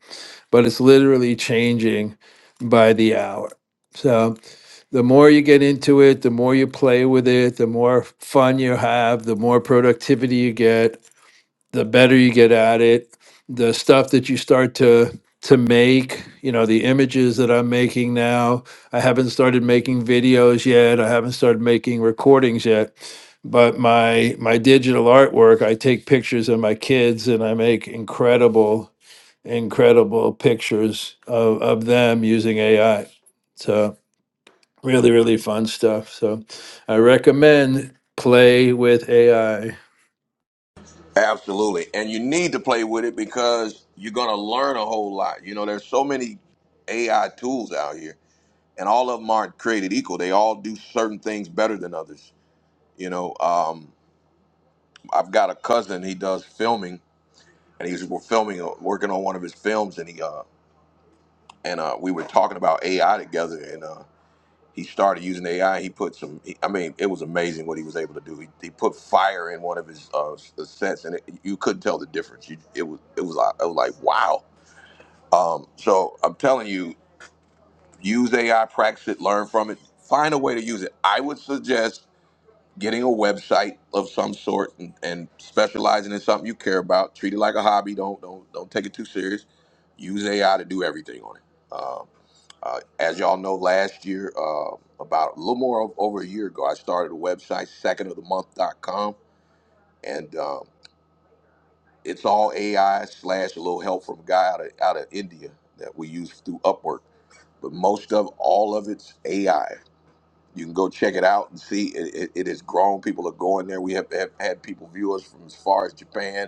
S12: but it's literally changing by the hour. So the more you get into it, the more you play with it, the more fun you have, the more productivity you get the better you get at it the stuff that you start to to make you know the images that i'm making now i haven't started making videos yet i haven't started making recordings yet but my my digital artwork i take pictures of my kids and i make incredible incredible pictures of, of them using ai so really really fun stuff so i recommend play with ai
S1: Absolutely, and you need to play with it because you're gonna learn a whole lot. You know, there's so many AI tools out here, and all of them aren't created equal. They all do certain things better than others. You know, um, I've got a cousin. He does filming, and he's we're filming, uh, working on one of his films, and he uh, and uh, we were talking about AI together, and. uh, He started using AI. He put some. he- I mean, it was amazing what he was able to do. He, he put fire in one of his uh, s- sets, and it, you couldn't tell the difference. You, it was it was like, it was like wow. Um, so I'm telling you, use AI, practice it, learn from it, find a way to use it. I would suggest getting a website of some sort and, and specializing in something you care about. Treat it like a hobby. Don't don't don't take it too serious. Use AI to do everything on it. Um, uh, as y'all know, last year, uh, about a little more of, over a year ago, I started a website, secondofthemonth.com, and um, it's all AI slash a little help from a guy out of, out of India that we use through Upwork. But most of all of it's AI. You can go check it out and see it, it, it has grown. People are going there. We have, have had people view us from as far as Japan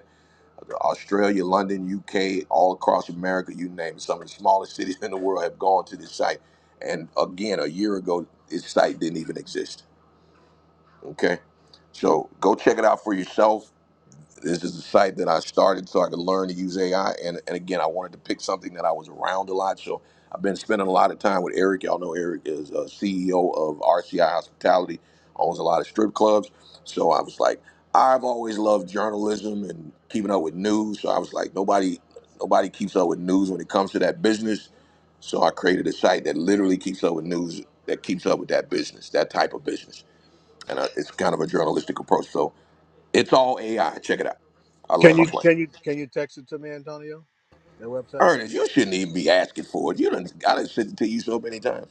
S1: Australia, London, UK, all across America, you name it. Some of the smallest cities in the world have gone to this site. And again, a year ago, this site didn't even exist. Okay? So go check it out for yourself. This is a site that I started so I could learn to use AI. And, and again, I wanted to pick something that I was around a lot. So I've been spending a lot of time with Eric. Y'all know Eric is a CEO of RCI Hospitality, owns a lot of strip clubs. So I was like, I've always loved journalism and keeping up with news. So I was like, nobody nobody keeps up with news when it comes to that business. So I created a site that literally keeps up with news, that keeps up with that business, that type of business. And uh, it's kind of a journalistic approach. So it's all AI. Check it out. I
S13: Can
S1: land my
S13: you
S1: plane.
S13: can you can you text it to me, Antonio? That website?
S1: Ernest, you shouldn't even be asking for it. You done, I done said it to you so many times.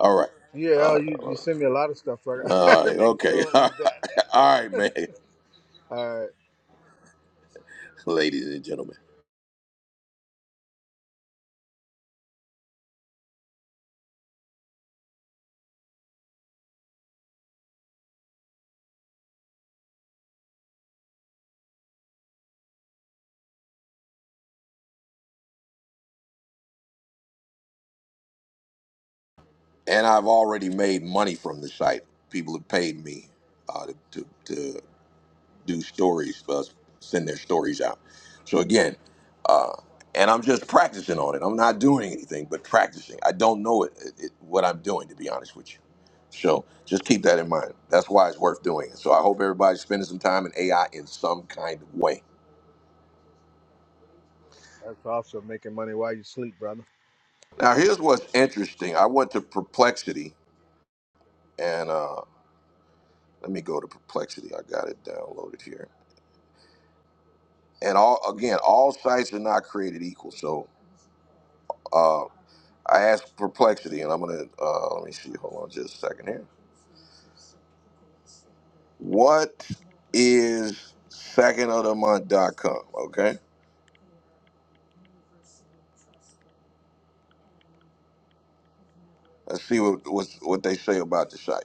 S1: All right.
S13: Yeah,
S1: All
S13: oh, you, you
S1: right.
S13: send me a lot of stuff, so I
S1: All
S13: gotta
S1: right.
S13: make
S1: Okay.
S13: sure
S1: All right, Okay.
S13: it's that.
S1: All right, man.
S13: All right,
S1: Ladies and gentlemen. And I've already made money from the site. People have paid me uh, to, to, do stories, uh, send their stories out. So again, uh, and I'm just practicing on it. I'm not doing anything but practicing. I don't know it, it, it- what I'm doing, to be honest with you. So just keep that in mind. That's why it's worth doing it. So I hope everybody's spending some time in AI in some kind of way.
S13: that's awesome. Making money while you sleep, brother.
S1: Now, here's what's interesting. I went to Perplexity, and uh, let me go to Perplexity. I got it downloaded here. And all again, all sites are not created equal. So. uh, I asked Perplexity, and I'm gonna uh, let me see. Hold on, just a second here. What is secondofthemonth.com? Okay, let's see what what, what they say about the site.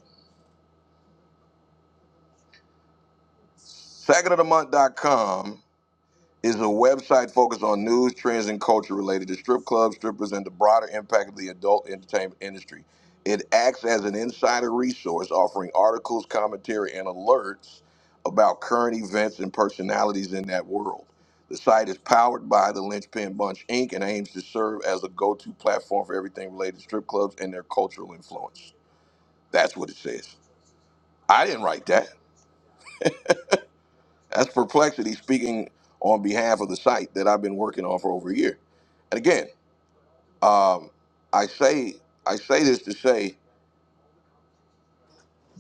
S1: Secondofthemonth.com is a website focused on news, trends, and culture related to strip clubs, strippers, and the broader impact of the adult entertainment industry. It acts as an insider resource, offering articles, commentary, and alerts about current events and personalities in that world. The site is powered by the Lynchpin Bunch Inc. and aims to serve as a go to platform for everything related to strip clubs and their cultural influence. That's what it says. I didn't write that. That's Perplexity speaking on behalf of the site that I've been working on for over a year. And again, um, I say I say this to say,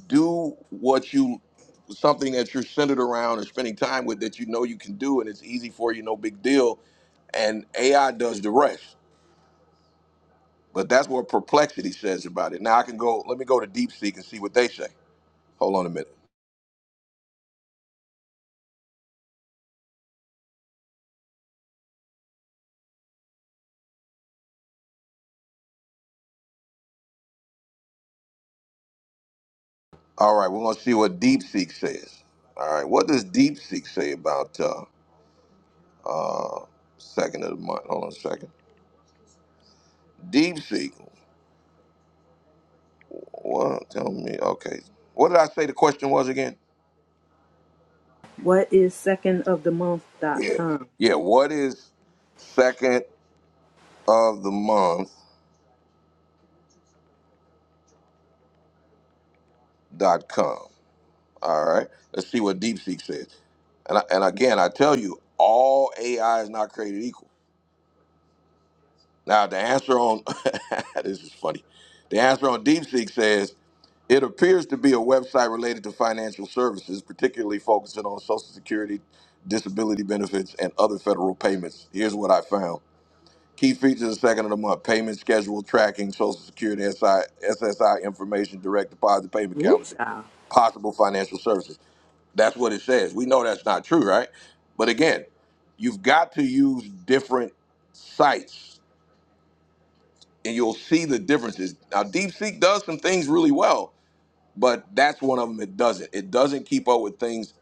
S1: do what you something that you're centered around and spending time with that you know you can do and it's easy for you, no big deal. And AI does the rest. But that's what Perplexity says about it. Now I can go. Let me go to DeepSeek and see what they say. Hold on a minute. All right, we're gonna see what DeepSeek says. All right, what does DeepSeek say about uh, second of the month? Hold on a second. Deep Seek. Well, tell me. Okay. What did I say the question was again?
S2: What is second of the
S1: Yeah.
S2: month.com?
S1: Yeah, what is second of the month.com? All right. Let's see what DeepSeek says. And, I, and again, I tell you, all AI is not created equal. Now, the answer on this is funny. The answer on DeepSeek says it appears to be a website related to financial services, particularly focusing on Social Security, disability benefits, and other federal payments. Here's what I found. Key features of the second of the month payment schedule tracking, social security, SI, SSI information, direct deposit payment
S2: Woo
S1: calendar,
S2: child.
S1: possible financial services. That's what it says. We know that's not true, right? But again, you've got to use different sites and you'll see the differences. Now, DeepSeek does some things really well, but that's one of them it doesn't. It doesn't keep up with things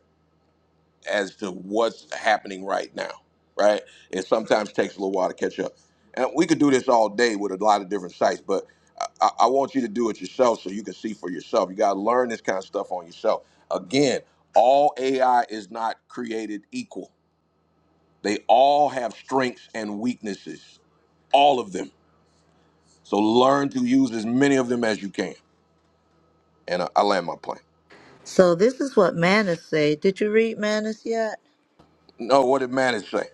S1: as to what's happening right now, right? It sometimes takes a little while to catch up. And we could do this all day with a lot of different sites, but I, I I want you to do it yourself so you can see for yourself. You got to learn this kind of stuff on yourself. Again, all AI is not created equal, they all have strengths and weaknesses, all of them. So learn to use as many of them as you can. And I, I land my plane.
S3: So this is what Manus say. Did you read Manus yet?
S1: No, what did Manage say?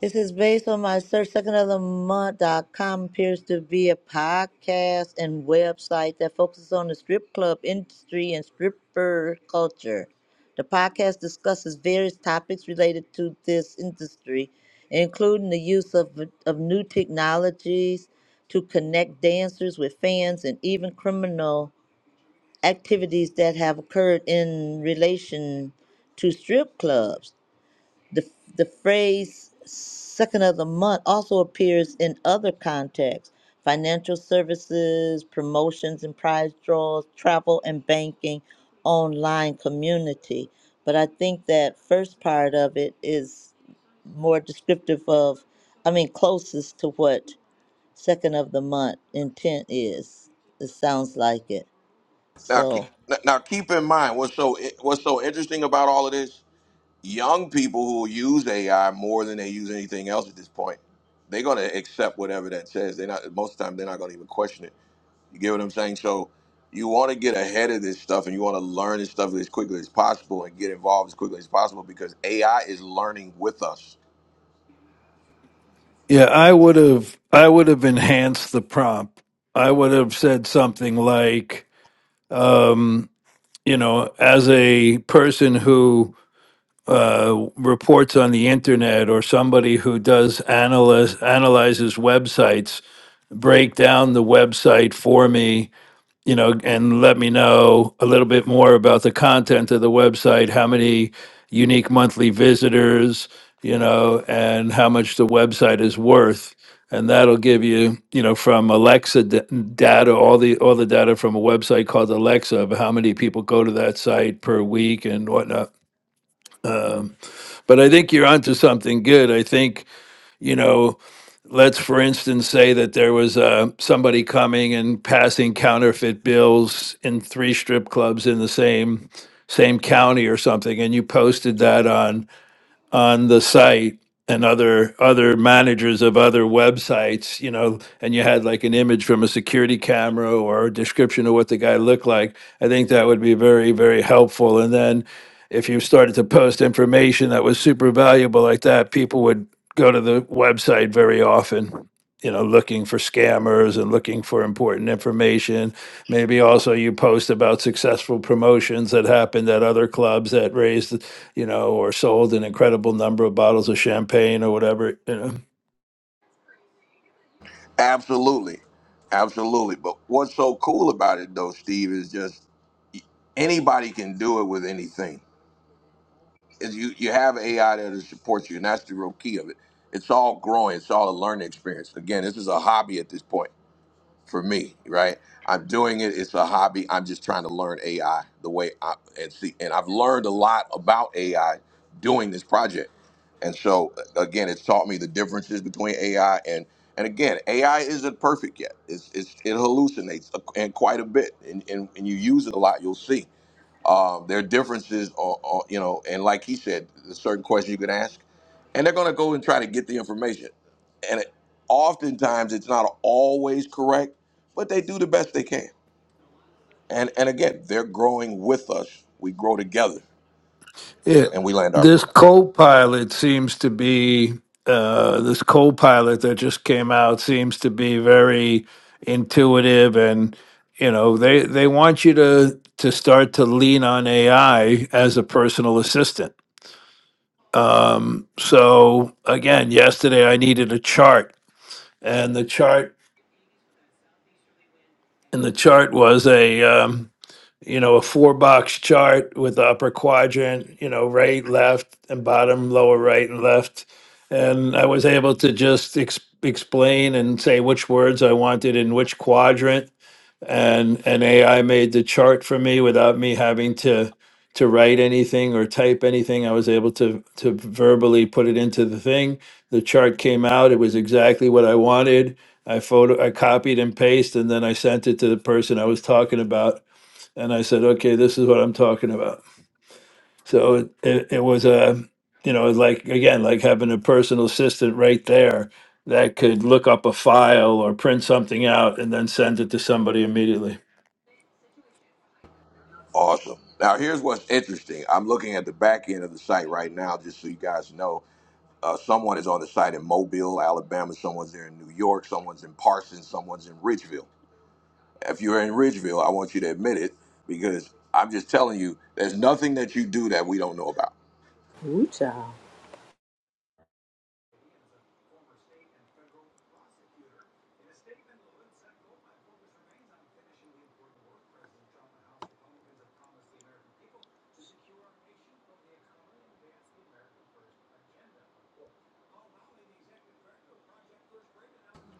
S3: It says based on my search, second of the Month dot com appears to be a podcast and website that focuses on the strip club industry and stripper culture. The podcast discusses various topics related to this industry, including the use of, of new technologies to connect dancers with fans and even criminal activities that have occurred in relation to strip clubs. The, the phrase second of the month also appears in other contexts financial services, promotions and prize draws, travel and banking, online community. But I think that first part of it is more descriptive of, I mean, closest to what second of the month intent is. It sounds like it.
S1: Now keep,
S3: So,
S1: now, keep in mind what's so what's so interesting about all of this young people who use AI more than they use anything else at this point. They're going to accept whatever that says. They're not most of the time they're not going to even question it. You get what I'm saying? So you want to get ahead of this stuff and you want to learn this stuff as quickly as possible and get involved as quickly as possible because AI is learning with us.
S12: Yeah, I would have I would have enhanced the prompt. I would have said something like, um, you know, as a person who uh, reports on the internet or somebody who does analyze analyzes websites, break down the website for me you know, and let me know a little bit more about the content of the website, how many unique monthly visitors, you know, and how much the website is worth. And that'll give you, you know, from Alexa d- data, all the all the data from a website called Alexa of how many people go to that site per week and whatnot. Um, but I think you're onto something good. I think you know, let's for instance say that there was uh, somebody coming and passing counterfeit bills in three strip clubs in the same same county or something, and you posted that on on the site and other other managers of other websites, you know, and you had like an image from a security camera or a description of what the guy looked like, I think that would be very, very helpful. And then if you started to post information that was super valuable like that, people would go to the website very often, you know, looking for scammers and looking for important information. Maybe also you post about successful promotions that happened at other clubs that raised you know, or sold an incredible number of bottles of champagne or whatever, you know.
S1: Absolutely. Absolutely. But what's so cool about it though, Steve, is just anybody can do it with anything is you you have AI that supports you, and that's the real key of it. It's all growing. It's all a learning experience. Again, this is a hobby at this point for me, right? I'm doing it. It's a hobby. I'm just trying to learn AI the way I and see. And I've learned a lot about AI doing this project. And so again, it's taught me the differences between AI and and again, AI isn't perfect yet. It's, it's it hallucinates and quite a bit, and, and, and you use it a lot, you'll see. Um, their differences are, are, you know, and like he said, there's certain questions you can ask, and they're going to go and try to get the information. And it, oftentimes, it's not always correct, but they do the best they can. And and again, they're growing with us. We grow together,
S12: It,
S1: and we land our
S12: this
S1: plane.
S12: co-pilot seems to be uh, this co-pilot that just came out seems to be very intuitive and you know they they want you to to start to lean on AI as a personal assistant. Um, so again, yesterday I needed a chart and the chart and the chart was a um, you know a four box chart with the upper quadrant you know right left and bottom lower right and left and i was able to just ex- explain and say which words i wanted in which quadrant and and AI made the chart for me without me having to to write anything or type anything. I was able to to verbally put it into the thing. The chart came out. It was exactly what I wanted. I photo I copied and pasted and then I sent it to the person I was talking about and I said, "Okay, this is what I'm talking about." So it it, it was a you know, like again, like having a personal assistant right there that could look up a file or print something out and then send it to somebody immediately.
S1: Awesome. Now, here's what's interesting. I'm looking at the back end of the site right now, just so you guys know uh, someone is on the site in Mobile, Alabama. Someone's there in New York. Someone's in Parsons. Someone's in Ridgeville. if you're in Ridgeville, I want you to admit it because I'm just telling you, there's nothing that you do that we don't know about.
S2: Woo child.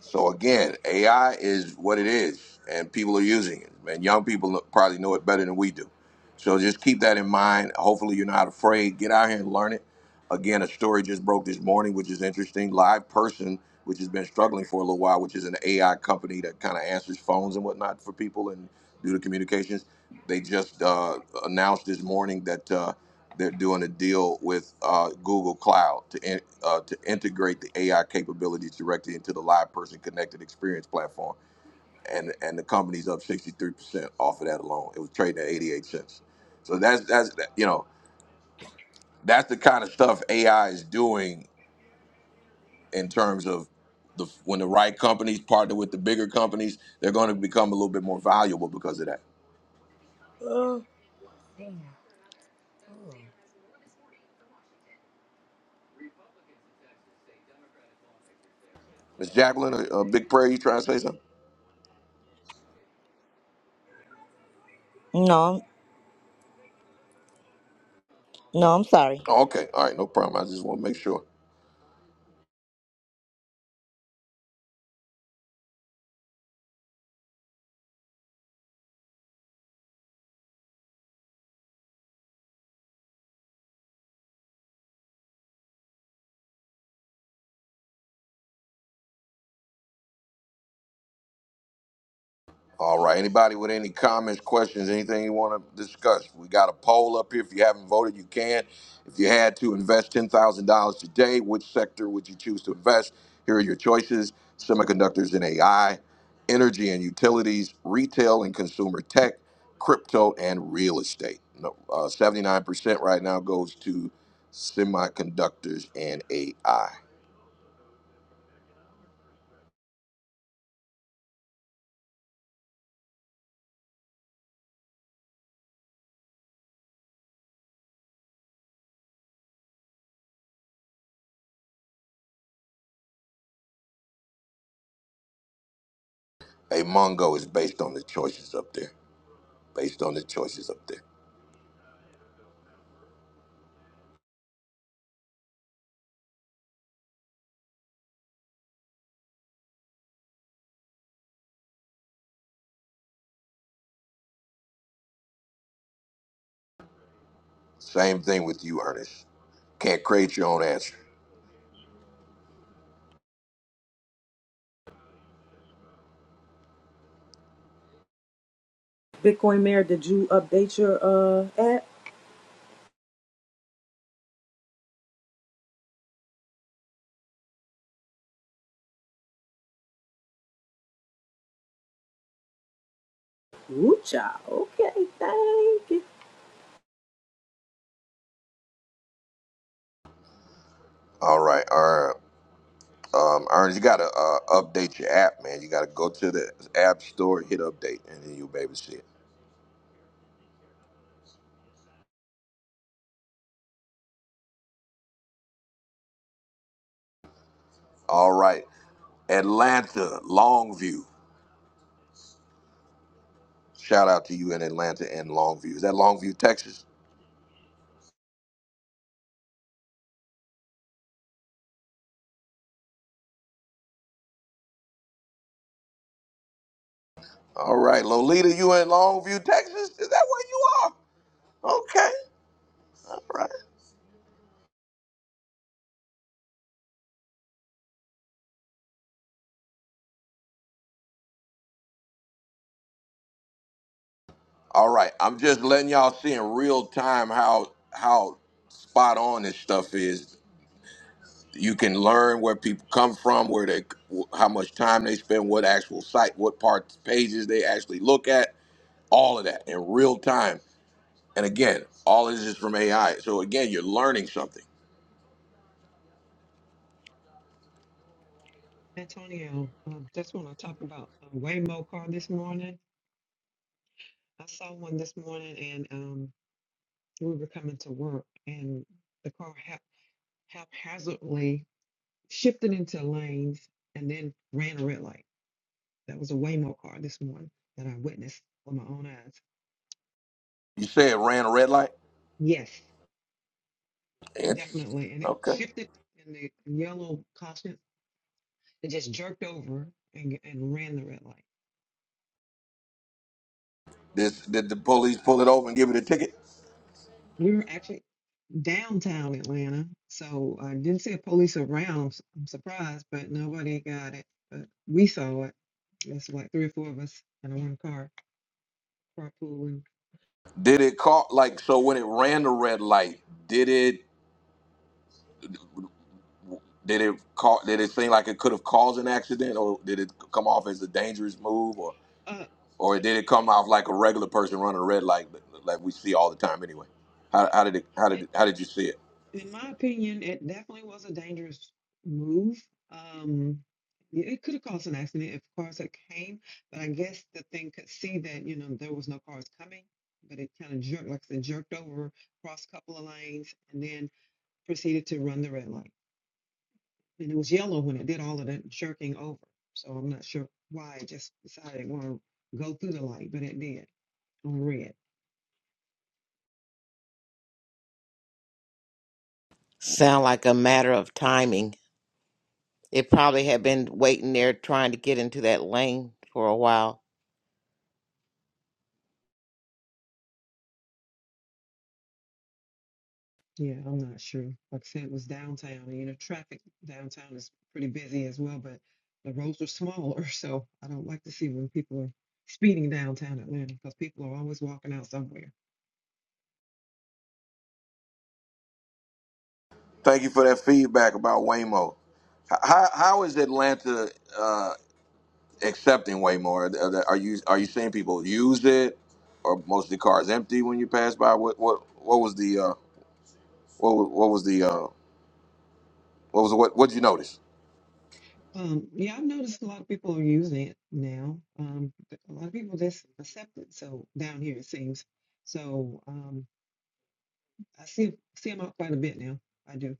S1: So again, AI is what it is, and people are using it. And young people probably know it better than we do. So just keep that in mind. Hopefully, you're not afraid. Get out here and learn it. Again, a story just broke this morning, which is interesting. Live Person, which has been struggling for a little while, which is an AI company that kind of answers phones and whatnot for people and do the communications. They just uh, announced this morning that uh, they're doing a deal with uh, Google Cloud to in, uh, to integrate the AI capabilities directly into the Live Person Connected Experience platform and and the company's up 63% off of that alone. It was trading at 88 cents. So that's that's you know that's the kind of stuff AI is doing in terms of the when the right companies partner with the bigger companies, they're going to become a little bit more valuable because of that. Miss Jacqueline, a, a big prayer. You trying to say something?
S3: no, No, I'm sorry.
S1: Oh, okay, all right, no problem. I just want to make sure. All right. Anybody with any comments, questions, anything you want to discuss? We got a poll up here. If you haven't voted, you can. If you had to invest $10,000 today, which sector would you choose to invest? Here are your choices semiconductors and AI, energy and utilities, retail and consumer tech, crypto, and real estate. No, uh, 79% right now goes to semiconductors and AI. A Mongo is based on the choices up there. Based on the choices up there. Same thing with you, Ernest. Can't create your own answer.
S2: Bitcoin Mayor, did you update your uh app? Woo child. Okay, thank you.
S1: All right, all right. Um, Ernest, you gotta uh, update your app, man. You gotta go to the app store, hit update, and then you'll be able to see it. All right, Atlanta, Longview. Shout out to you in Atlanta and Longview. Is that Longview, Texas? All right, Lolita, you in Longview, Texas? Is that where you are? Okay. All right. All right. I'm just letting y'all see in real time how how spot on this stuff is. you can learn where people come from, where they, how much time they spend, what actual site, what parts, pages they actually look at, all of that in real time. And again, all of this is from AI. So again, you're learning something.
S5: Antonio, uh, just want to talk about uh, Waymo car this morning. I saw one this morning, and um, we were coming to work, and the car hap- haphazardly shifted into lanes and then ran a red light. That was a Waymo car this morning that I witnessed with my own eyes.
S1: You say it ran a red light.
S5: Yes,
S1: Interesting.
S5: definitely, and it
S1: Okay.
S5: shifted in the yellow caution. It just jerked over and, and ran the red light.
S1: This did the police pull it over and give it a ticket?
S5: We were actually downtown Atlanta, so I didn't see a police around. s- I'm surprised, but nobody got it. But we saw it. That's like three or four of us in one car, carpooling.
S1: Did it call like so when it ran the red light? Did it did it call? Did it seem like it could have caused an accident, or did it come off as a dangerous move, or
S5: Uh,
S1: Or did it come off like a regular person running a red light, like we see all the time anyway? How, how did it? How did
S5: it,
S1: it, How did you see it?
S5: in my opinion, it definitely was a dangerous move. Um, y- it could have caused an accident if cars had came, but I guess the thing could see that you know there was no cars coming, but it kind of jerked, like I said, jerked over, crossed a couple of lanes, and then proceeded to run the red light. and it was yellow when it did all of that jerking over. So I'm not sure why it just decided it wanna go through the light, but it did on red.
S8: Sound like a matter of timing. It probably had been waiting there trying to get into that lane for a while.
S5: Yeah, I'm not sure. Like I said, it was downtown, and you know, traffic downtown is pretty busy as well, but the roads are smaller, so I don't like to see when people are speeding downtown Atlanta because people are always walking out somewhere.
S1: Thank you for that feedback about Waymo. H- How How is Atlanta uh, accepting Waymo? Are, are you Are you seeing people use it, or most of the cars empty when you pass by? What What What was the uh, What wa- What was the uh, What was what What would you notice?
S5: Um, yeah, I've noticed a lot of people are using it now. Um, a lot of people just accept it. So down here it seems. So um, I see see him out quite a bit now. I do.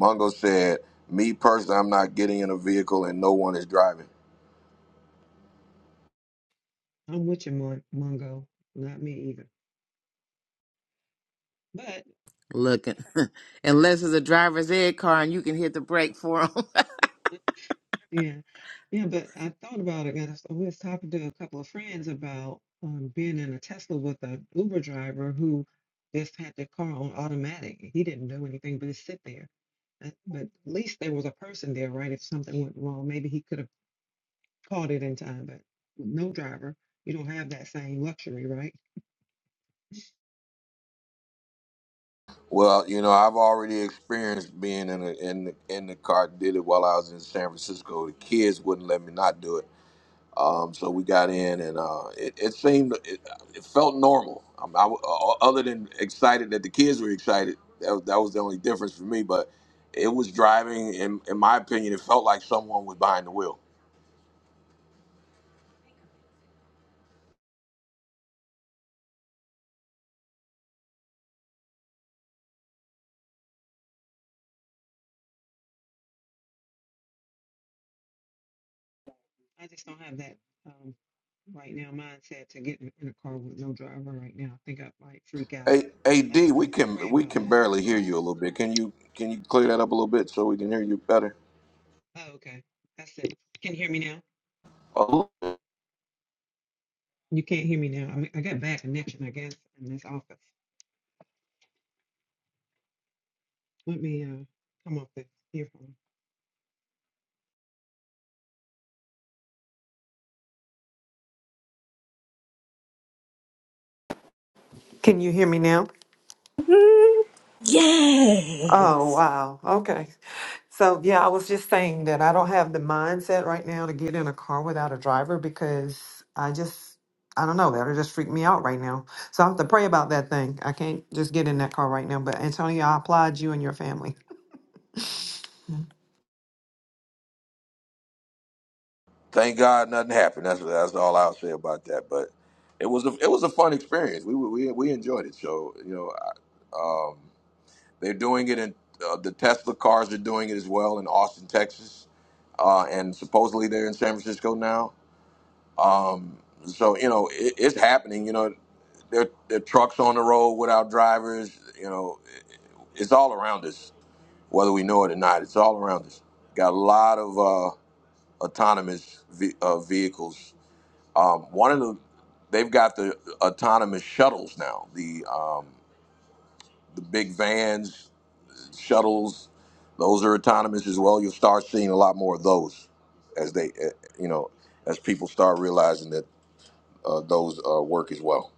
S1: Mongo said, "Me personally, I'm not getting in a vehicle and no one is driving."
S5: I'm with you, Mon- Mongo. Not me either. But
S8: Looking, unless it's a driver's ed car and you can hit the brake for 'em.
S5: yeah, yeah. But I thought about it, and I s- I was talking to a couple of friends about um, being in a Tesla with an Uber driver who just had their car on automatic. He didn't do anything but just sit there. Uh, But at least there was a person there, right? If something went wrong, maybe he could have caught it in time. But no driver, you don't have that same luxury, right?
S1: Well, you know, I've already experienced being in the in the, in the car. Did it while I was in San Francisco. The kids wouldn't let me not do it. Um, so we got in, and uh, it, it seemed it, it felt normal. Um, I, uh, uh, other than excited that the kids were excited, that was, that was the only difference for me. But it was driving, in, in my opinion, it felt like someone was behind the wheel.
S5: I just don't have that um, right now mindset to get in in a car with no driver right now. I think I might freak out.
S1: Hey, Ad,
S5: I have to
S1: we can
S5: pray
S1: we
S5: about
S1: can
S5: that.
S1: barely hear you a little bit. Can you can you clear that up a little bit so we can hear you better?
S5: Oh, okay. That's it. Can you hear me now? You can't hear me now. I, mean, I got bad connection, I guess, in this office. Let me uh, come off the earphone. Can you hear me now? Oh,
S2: Yes.
S5: wow. Okay. So, yeah, I was just saying that I don't have the mindset right now to get in a car without a driver because I just, I don't know, that'll just freak me out right now. So I have to pray about that thing. I can't just get in that car right now. But Antonio, I applaud you and your family.
S1: Thank God nothing happened. That's that's all I'll say about that. But it was a it was a fun experience. We we we enjoyed it. So you know they're doing it in uh, the Tesla cars are doing it as well in Austin, Texas, uh, and supposedly they're in San Francisco now. So you know it, it's happening. You know there there are trucks on the road without drivers. You know it, it's all around us, whether we know it or not. It's all around us. Got a lot of uh, autonomous ve- uh, vehicles Um, one of the they've got the autonomous shuttles now. The um, the big vans, shuttles, those are autonomous as well. You'll start seeing a lot more of those as they, eh, you know, as people start realizing that uh, those uh, work as well.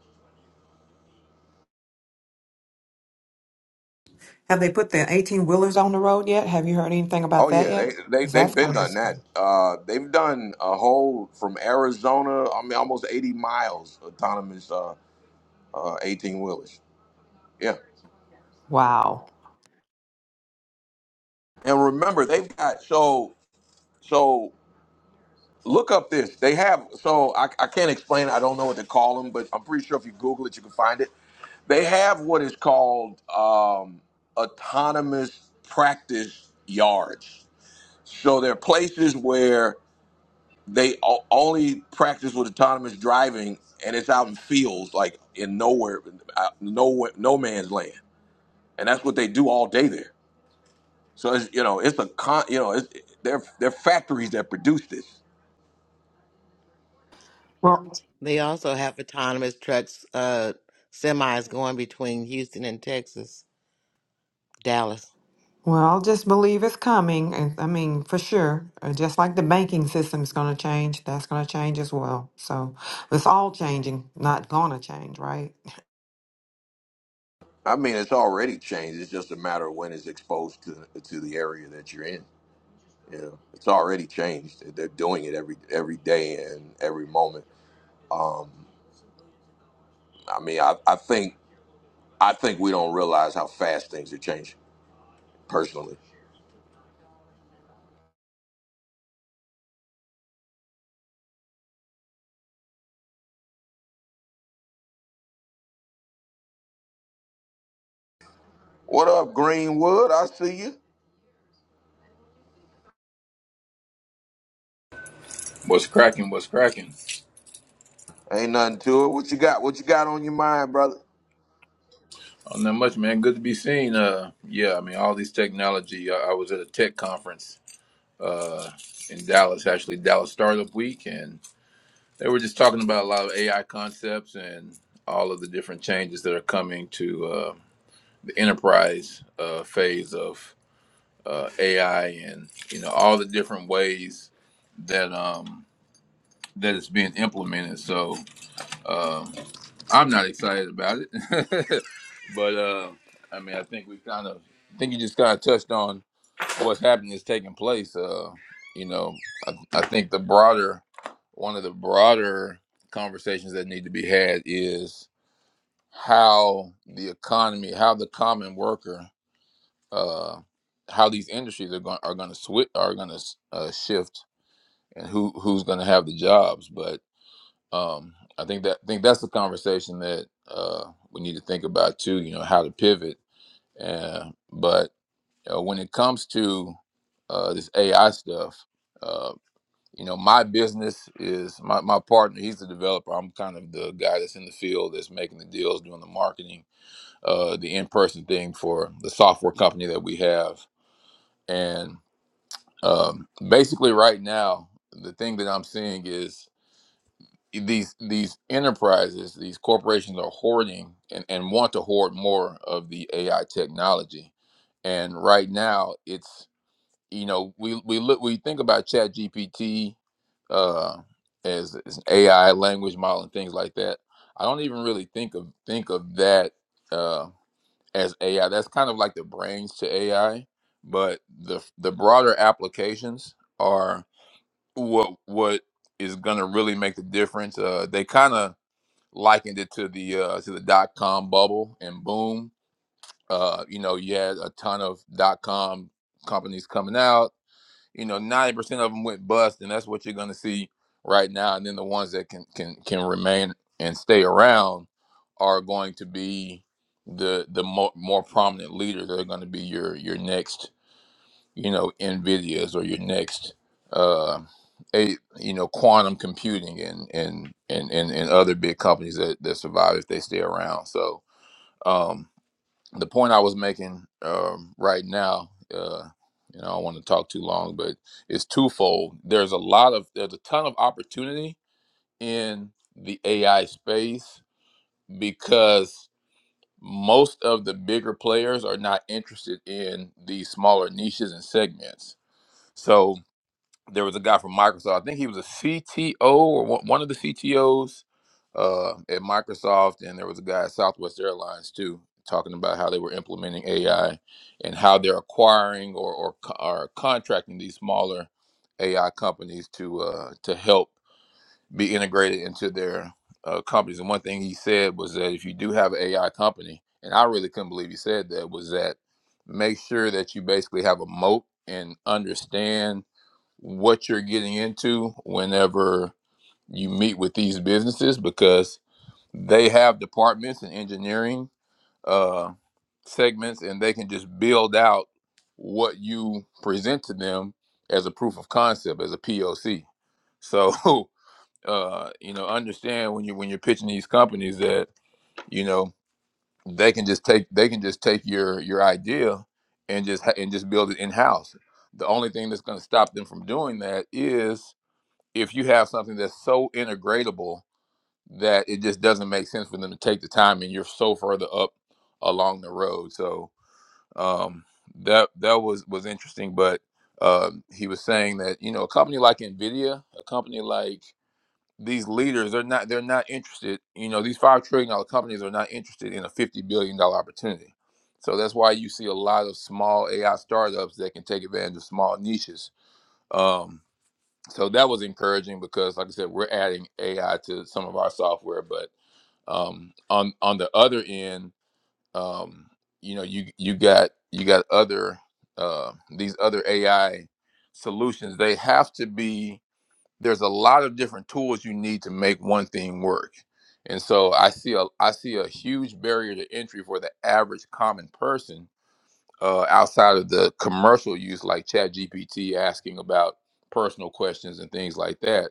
S5: Have they put the 18 wheelers on the road yet? Have you heard anything
S1: Oh
S5: about that
S1: yeah, they
S5: yet?
S1: they
S5: Because
S1: they've
S5: that's
S1: been
S5: going
S1: done
S5: to
S1: that.
S5: be.
S1: Uh, they've done a whole from Arizona. I mean, almost eighty miles autonomous uh, uh, eighteen wheelers. Yeah,
S5: Wow.
S1: and remember they've got so so. Look up this. They have so I, I can't explain. it. I don't know what to call them, but I'm pretty sure if you Google it, you can find it. They have what is called um, autonomous practice yards. So they're places where they o- only practice with autonomous driving, and it's out in fields, like in nowhere, uh, nowhere, no man's land, and that's what they do all day there. So it's, you know, it's a con. You know, it's, they're they're factories that produce this.
S5: Well,
S8: They also have autonomous trucks, uh, semis going between Houston and Texas, Dallas.
S5: Well, just believe it's coming. and- I mean, for sure. Uh, Just like the banking system's going to change, that's going to change as well. So it's all changing, not going to change, right?
S1: I mean, it's already changed. It's just a matter of when it's exposed to to the area that you're in. You know, it's already changed. They're doing it every every day and every moment. I mean, I, I think I think we don't realize how fast things are changing. Personally, what up, Greenwood? I see you.
S14: What's cracking? What's cracking?
S1: Ain't nothing to it. What you got? What you got on your mind, brother?
S14: Oh, not much, man. Good to be seen. Uh, yeah, I mean, all these technology. I, I was at a tech conference uh, in Dallas, actually, Dallas Startup Week, and they were just talking about a lot of AI concepts and all of the different changes that are coming to uh, the enterprise uh, phase of uh, AI, and you know, all the different ways that um, that it's being implemented. So. Um, I'm not excited about it, but uh, I mean, I think we kind of, I think you just kind of touched on what's happening is taking place. Uh, you know, I, I think the broader, one of the broader conversations that need to be had is how the economy, how the common worker, uh, how these industries are going are going to switch, are going to uh, shift, and who who's going to have the jobs. But um, I think that I think that's the conversation that uh, we need to think about too. You know how to pivot, uh, but uh, when it comes to uh, this AI stuff, uh, you know my business is my, my partner. He's the developer. I'm kind of the guy that's in the field that's making the deals, doing the marketing, uh, the in person thing for the software company that we have. And um, basically, right now, the thing that I'm seeing is these these enterprises, these corporations are hoarding and, and want to hoard more of the AI technology. And right now it's you know, we, we look we think about Chat GPT uh as, as an AI language model and things like that. I don't even really think of think of that uh as AI. That's kind of like the brains to AI, but the the broader applications are what what is gonna really make the difference. Uh they kinda likened it to the uh, to the dot com bubble and boom. Uh, you know, you had a ton of dot com companies coming out. You know, ninety percent of them went bust, and that's what you're going to see right now. And then the ones that can can can remain and stay around are going to be the the more, more prominent leaders. They're going to be your your next you know nvidias or your next uh a you know quantum computing and and and and, and other big companies that, that survive if they stay around so um the point i was making um right now uh you know i don't want to talk too long but it's twofold there's a lot of there's a ton of opportunity in the ai space because most of the bigger players are not interested in these smaller niches and segments so there was a guy from Microsoft. I think he was a CTO or one one of the CTOs uh, at Microsoft, and there was a guy at Southwest Airlines too talking about how they were implementing AI and how they're acquiring or or, co- or contracting these smaller AI companies to uh, to help be integrated into their uh, companies. And one thing he said was that if you do have an AI company, and I really couldn't believe he said that, was that make sure that you basically have a moat and understand what you're getting into whenever you meet with these businesses because they have departments and engineering uh, segments and they can just build out what you present to them as a proof of concept as a POC. So uh, you know understand when you when you're pitching these companies that you know they can just take they can just take your your idea and just ha- and just build it in house. The only thing that's going to stop them from doing that is if you have something that's so integratable that it just doesn't make sense for them to take the time and you're so further up along the road so um that that was was interesting but um he was saying that you know a company like nvidia a company like these leaders they're not they're not interested you know these five trillion dollar companies are not interested in a 50 billion dollar opportunity so that's why you see a lot of small ai startups that can take advantage of small niches Um, so that was encouraging because like i said we're adding ai to some of our software but um on on the other end um you know you you got you got other uh these other ai solutions they have to be there's a lot of different tools you need to make one thing work and so i see a i see a huge barrier to entry for the average common person uh outside of the commercial use like chat gpt asking about personal questions and things like that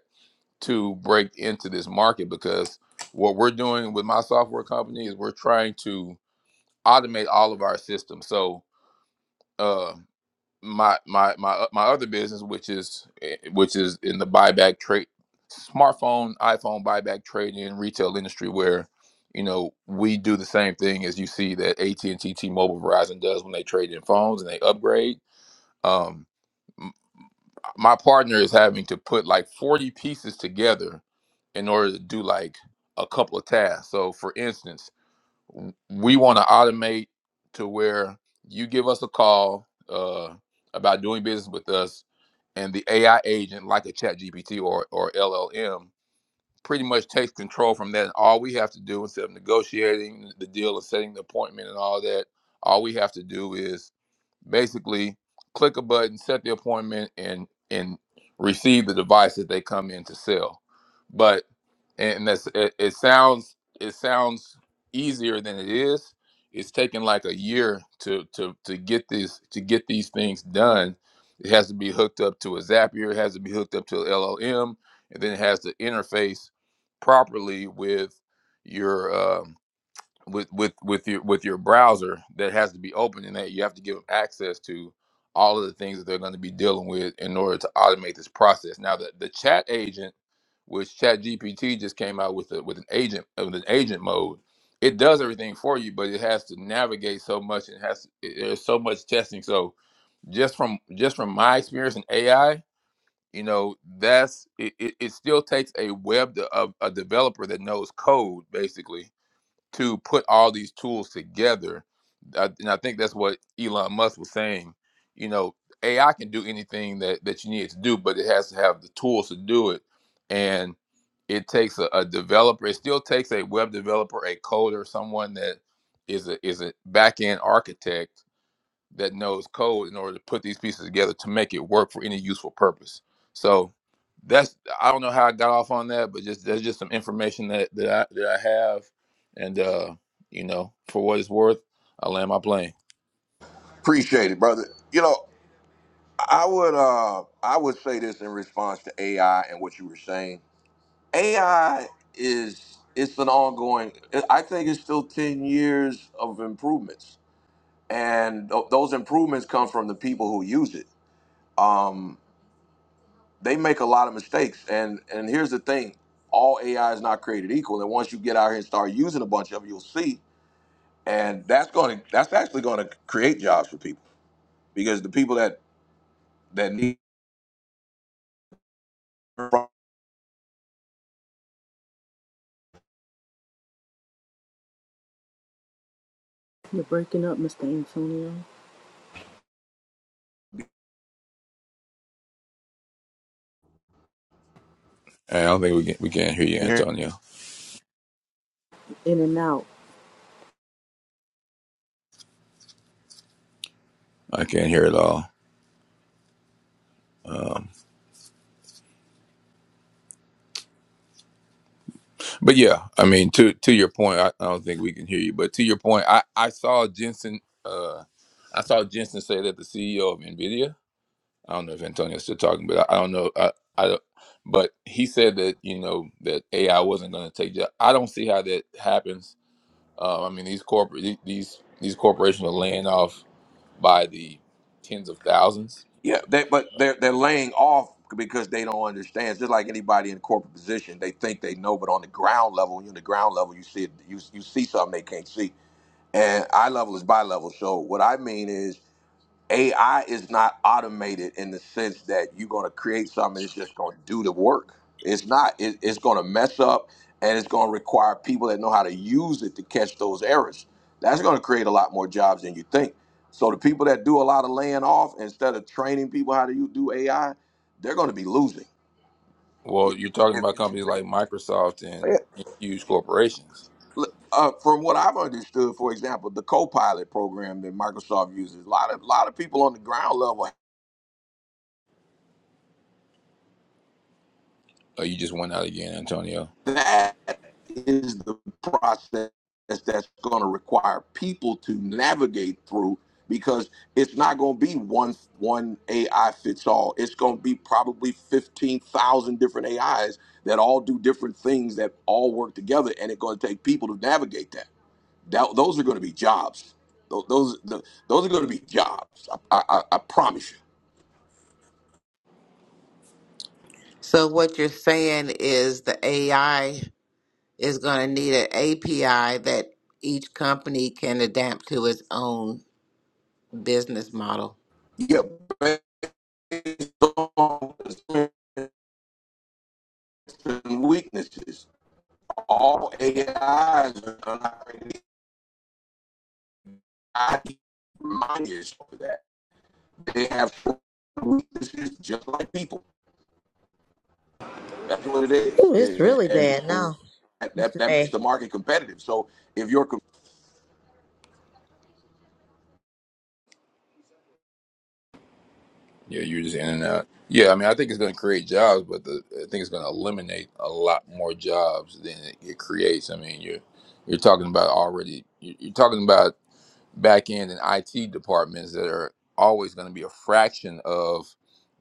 S14: to break into this market because what we're doing with my software company is we're trying to automate all of our systems. So uh, my my my uh, my other business, which is eh, which is in the buyback trade, smartphone, iPhone buyback trading retail industry, where you know we do the same thing as you see that AT and T, T-Mobile, Verizon does when they trade in phones and they upgrade. Um, my partner is having to put like 40 pieces together in order to do like a couple of tasks. So for instance, w- we want to automate to where you give us a call uh, about doing business with us and the AI agent like a chat GPT or, or LLM pretty much takes control from that. And all we have to do instead of negotiating the deal and setting the appointment and all that, all we have to do is basically click a button, set the appointment, and and receive the device that they come in to sell. But and that's it, it sounds it sounds easier than it is. It's taken like a year to to to get this to get these things done. It has to be hooked up to a Zapier. It has to be hooked up to a LLM, and then it has to interface properly with your um, with with with your with your browser that has to be open and that you have to give them access to all of the things that they're going to be dealing with in order to automate this process. Now the, the chat agent, which Chat GPT just came out with a, with an agent uh, with an agent mode, it does everything for you, but it has to navigate so much and has it- there's so much testing. So just from just from my experience in AI, you know that's it, it, it still takes a web de- of a developer that knows code basically to put all these tools together. I, and I think that's what Elon Musk was saying. You know, AI can do anything that, that you need it to do, but it has to have the tools to do it. And it takes a, a developer, it still takes a web developer, a coder, someone that is a is a back end architect that knows code in order to put these pieces together to make it work for any useful purpose. So that's I don't know how I got off on that, but just that's just some information that that I that I have, and uh, you know, for what it's worth, I land my plane.
S1: Appreciate it, brother. You know, I would uh I would say this in response to AI and what you were saying AI is it's an ongoing. I think it's still ten years of improvements, and th- those improvements come from the people who use it. Um, they make a lot of mistakes, and and here's the thing: all AI is not created equal. And once you get out here and start using a bunch of it, you'll see, and that's going to that's actually going to create jobs for people because the people that that need
S2: You're breaking up, Mr. Antonio.
S14: Hey, I don't think we can we can't hear you, Antonio.
S2: In and out.
S14: I can't hear it all. Um, But yeah, I mean, to to your point, I, I don't think we can hear you. But to your point, I I saw Jensen, uh, I saw Jensen say that the CEO of Nvidia. I don't know if Antonio's still talking, but I, I don't know. I, I don't- but he said that you know that AI wasn't going to take. jobs. I don't see how that happens. Uh, I mean, these corporate these these corporations are laying off by the tens of thousands.
S1: Yeah, they, but they're they're laying off because they don't understand. It's just like anybody in a corporate position, they think they know, but on the ground level, when you're on the ground level, you see it, you you see something they can't see. And eye level is bi level. So what I mean is, AI is not automated in the sense that you're going to create something that's just going to do the work. It's not. It, it's going to mess up, and it's going to require people that know how to use it to catch those errors. That's going to create a lot more jobs than you think. So the people that do a lot of laying off instead of training people how to you do AI, they're going to be losing. If,
S14: Well, you're talking
S1: if,
S14: about
S1: if you
S14: companies
S1: think,
S14: like Microsoft
S1: Yeah.
S14: and huge corporations.
S1: Look, uh, from what I've understood, for example, the Copilot program that Microsoft uses, a lot of lot of people on the ground level
S14: Oh, you just went out again, Antonio.
S1: That is the process that's going to require people to navigate through because it's not going to be one one AI fits all. It's going to be probably 15,000 different AIs that all do different things that all work together and it's going to take people to navigate that. that those are going to be jobs. Tho- Those the, those are going to be jobs. I, I, I I promise you.
S8: So what you're saying is the AI is going to need an API that each company can adapt to its own business model.
S1: Yeah, based on strengths and weaknesses. all AIs are not I keep reminding yourself of that. They have weaknesses just like people. That's what it is,
S3: Ooh, it's really
S1: and
S3: bad
S1: and
S3: now,
S1: that
S3: Mr.
S1: that makes the
S3: A.
S1: market competitive. So if you're
S14: Yeah, you're just in and out. Yeah, I mean, I think it's going to create jobs, but the, I think it's going to eliminate a lot more jobs than it, it creates. I mean, you're you're talking about already. You're, you're talking about back end and IT departments that are always going to be a fraction of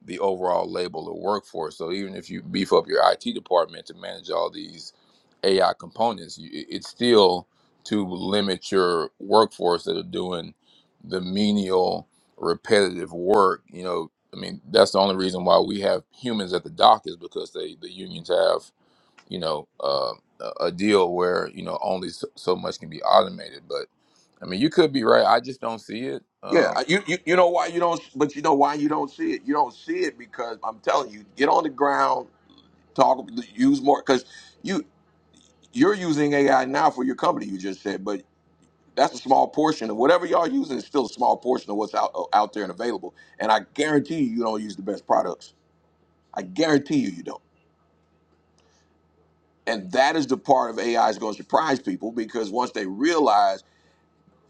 S14: the overall label of workforce. So even if you beef up your IT department to manage all these AI components, you, it- it's still to limit your workforce that are doing the menial, repetitive work. You know, I mean, that's the only reason why we have humans at the dock is because they the unions have you know, uh, a a deal where you know only so, so much can be automated. But I mean, you could be right. I just don't see it.
S1: yeah,
S14: Um,
S1: uh, you, you you know why you don't, but you know why you don't see it. You don't see it because I'm telling you, get on the ground, talk, use more because you you're using AI now for your company. You just said, but that's a small portion of whatever y'all using is still a small portion of what's out out there and available. And I guarantee you, you don't use the best products. I guarantee you, you don't. And that is the part of AI is going to surprise people because once they realize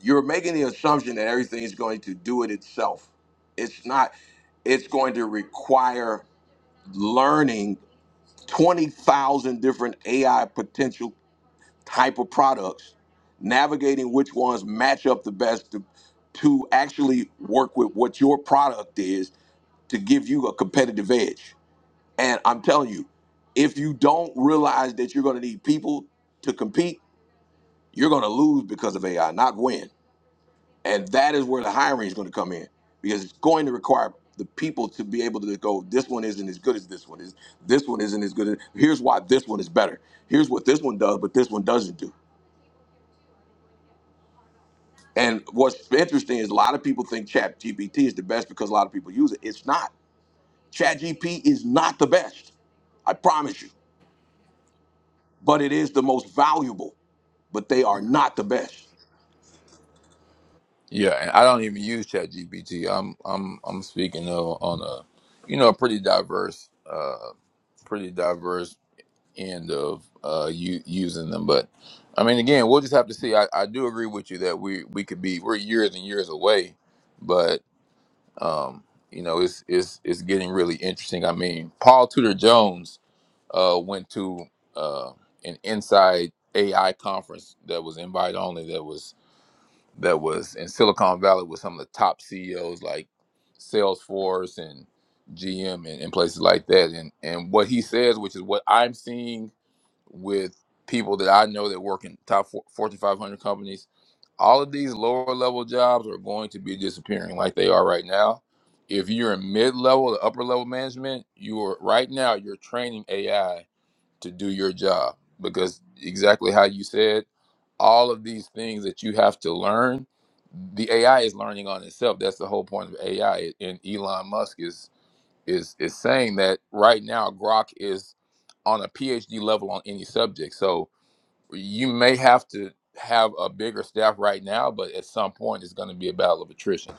S1: you're making the assumption that everything is going to do it itself, it's not. It's going to require learning twenty thousand different AI potential type of products, navigating which ones match up the best to, to actually work with what your product is to give you a competitive edge. And I'm telling you, if you don't realize that you're going to need people to compete, you're going to lose because of AI, not win. And that is where the hiring is going to come in because it's going to require the people to be able to go, this one isn't as good as this one is. This one isn't as good as, here's why this one is better. Here's what this one does, but this one doesn't do And what's interesting is a lot of people think ChatGPT is the best because a lot of people use it. It's not. ChatGPT is not the best. I promise you. But it is the most valuable. But they are not the best.
S14: yeah, and I don't even use ChatGPT. I'm I'm I'm speaking of, on a you know a pretty diverse, uh, pretty diverse end of uh, u- using them. But I mean, again, we'll just have to see. I, I do agree with you that we we could be we're years and years away, but um, you know, it's it's it's getting really interesting. I mean, Paul Tudor Jones uh, went to uh, an inside AI conference that was invite only. That was that was in Silicon Valley with some of the top CEOs like Salesforce and GM and, and places like that. And and what he says, which is what I'm seeing with people that I know that work in top for, Fortune 500 companies, all of these lower level jobs are going to be disappearing like they are right now. If you're in mid level to upper level management, you are right now you're training AI to do your job because exactly how you said all of these things that you have to learn the ai is learning on itself that's the whole point of ai and elon musk is is is saying that right now grok is on a phd level on any subject so you may have to have a bigger staff right now but at some point it's going to be a battle of attrition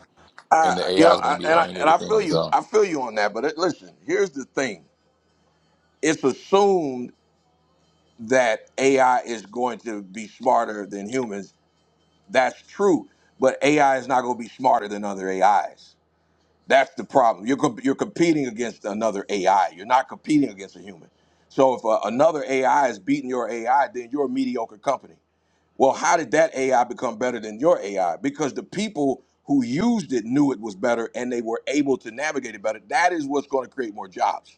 S1: I,
S14: and the
S1: you
S14: ai
S1: know,
S14: is going
S1: I,
S14: to be
S1: and I
S14: learning
S1: and I
S14: everything
S1: feel
S14: on its
S1: you.
S14: own
S1: I feel you on that. But it, listen, here's the thing: it's assumed that AI is going to be smarter than humans. That's true, but AI is not going to be smarter than other AIs. That's the problem. You're comp- you're competing against another AI. You're not competing against a human. So if uh, another AI is beating your AI, then you're a mediocre company. Well, how did that AI become better than your AI? Because the people who used it knew it was better and they were able to navigate it better. That is what's going to create more jobs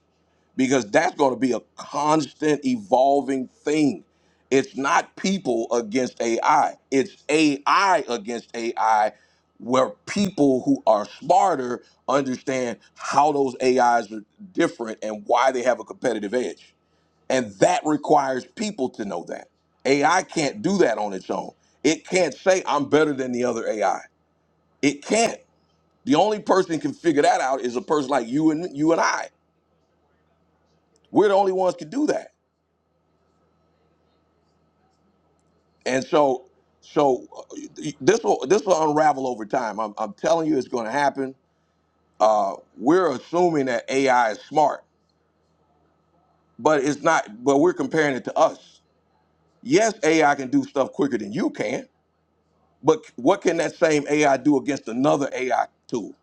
S1: because that's going to be a constant evolving thing. It's not people against AI, it's AI against AI, where people who are smarter understand how those AIs are different and why they have a competitive edge. And that requires people to know that. AI can't do that on its own. It can't say, I'm better than the other AI. It can't. The only person who can figure that out is a person like you and you and I. We're the only ones can do that. And so, so uh, this will this will unravel over time. I'm, I'm telling you, it's going to happen. Uh, we're assuming that AI is smart, but it's not. But we're comparing it to us. Yes, AI can do stuff quicker than you can, but what can that same AI do against another AI tool?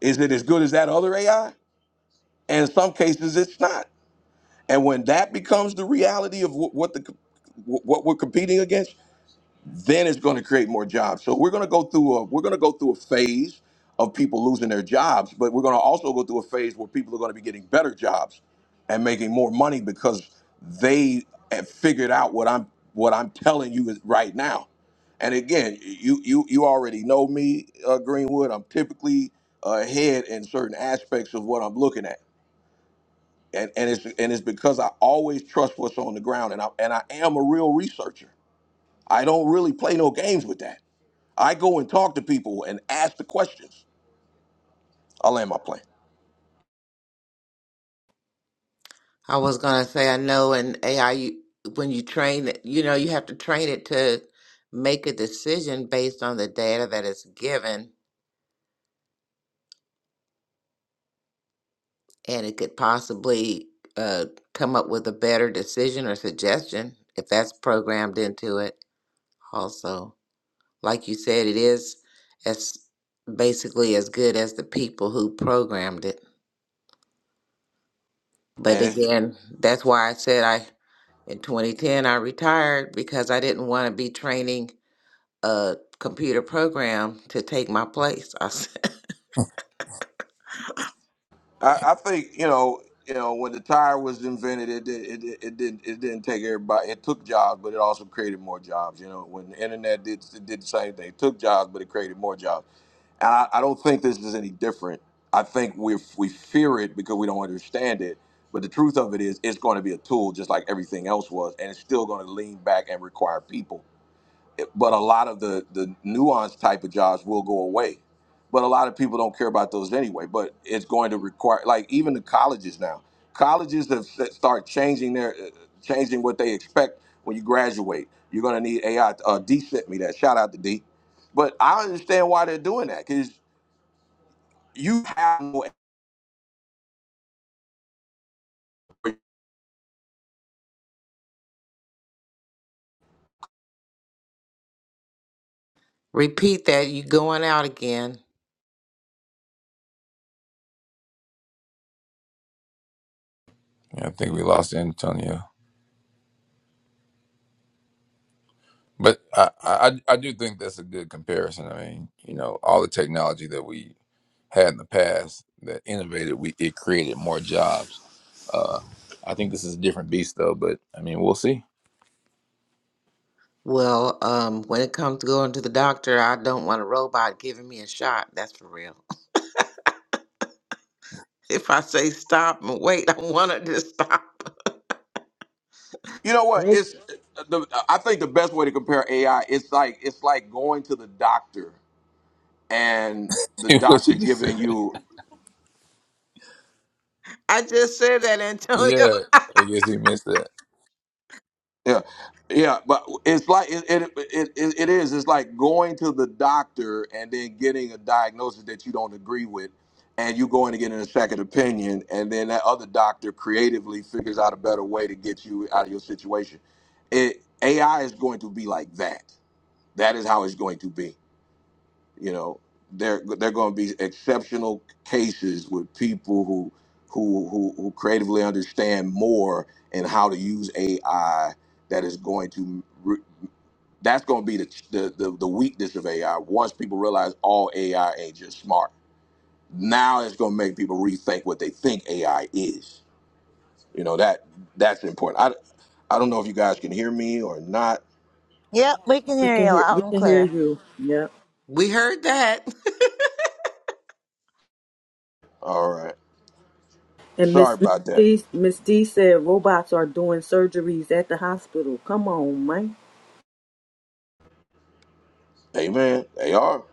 S1: Is it as good as that other AI? And in some cases, it's not. And when that becomes the reality of wh- what the co- wh- what we're competing against, then it's going to create more jobs. So we're going to go through a we're going to go through a phase of people losing their jobs, but we're going to also go through a phase where people are going to be getting better jobs and making more money because they have figured out what I'm what I'm telling you is right now. And again, you you you already know me, uh, Greenwood. I'm typically ahead in certain aspects of what I'm looking at, and and it's and it's because I always trust what's on the ground, and I and I am a real researcher. I don't really play no games with that. I go and talk to people and ask the questions. I land my plane,
S8: I was going to say I know in AI you, when you train it, you know you have to train it to make a decision based on the data that it's given and it could possibly uh, come up with a better decision or suggestion if that's programmed into it also like you said it is as basically as good as the people who programmed it but
S1: and it's
S8: again that's why i said i in 2010 i retired because i didn't want to be training a computer program to take my place i said
S1: I, I think you know, you know, when the tire was invented, it did, it, it it didn't it didn't take everybody. It took jobs, but it also created more jobs. You know, when the internet did it did the same thing, it took jobs, but it created more jobs. And I, I don't think this is any different. I think we we fear it because we don't understand it. But the truth of it is, it's going to be a tool just like everything else was, and it's still going to lean back and require people. but a lot of the the nuanced type of jobs will go away but a lot of people don't care about those anyway but it's going to require like even the colleges now colleges have s- start changing their uh, changing what they expect when you graduate you're going to need ai uh, d sent me that shout out to d but i understand why they're doing that because you have no you
S8: repeat that you going out again
S14: yeah, i think we lost antonio But I, I I do think that's a good comparison. I mean, you know, all the technology that we had in the past that innovated, we it created more jobs. Uh, I think this is a different beast, though. But I mean, we'll see.
S8: Well, um, when it comes to going to the doctor, I don't want a robot giving me a shot. That's for real. If I say stop and wait, I want it to stop.
S1: know what it's uh, the, i think the best way to compare ai it's like it's like going to the doctor and the
S14: what she
S1: doctor
S14: just said.
S1: giving you
S8: I just said that, Antonio.
S14: Yeah, I guess he missed that.
S1: Yeah, yeah, but it's like it it, it it it is. It's like going to the doctor and then getting a diagnosis that you don't agree with, and you going to get a second opinion, and then that other doctor creatively figures out a better way to get you out of your situation. It AI is going to be like that. That is how it's going to be you know there there are going to be exceptional cases with people who who who who creatively understand more and how to use AI that is going to re- that's going to be the, the the the weakness of AI once people realize all AI ain't just smart now it's going to make people rethink what they think AI is you know that that's important I I don't know if you guys can hear me or not
S3: Yep, we can
S2: We
S3: hear
S2: can
S3: you
S2: hear we
S3: loud and
S2: can hear
S3: clear.
S2: you. Yep.
S8: we heard that.
S1: all right
S2: And
S1: sorry
S2: Miss Miss
S1: about that
S2: D Miss D said robots are doing surgeries at the hospital. Come on, man.
S1: amen they are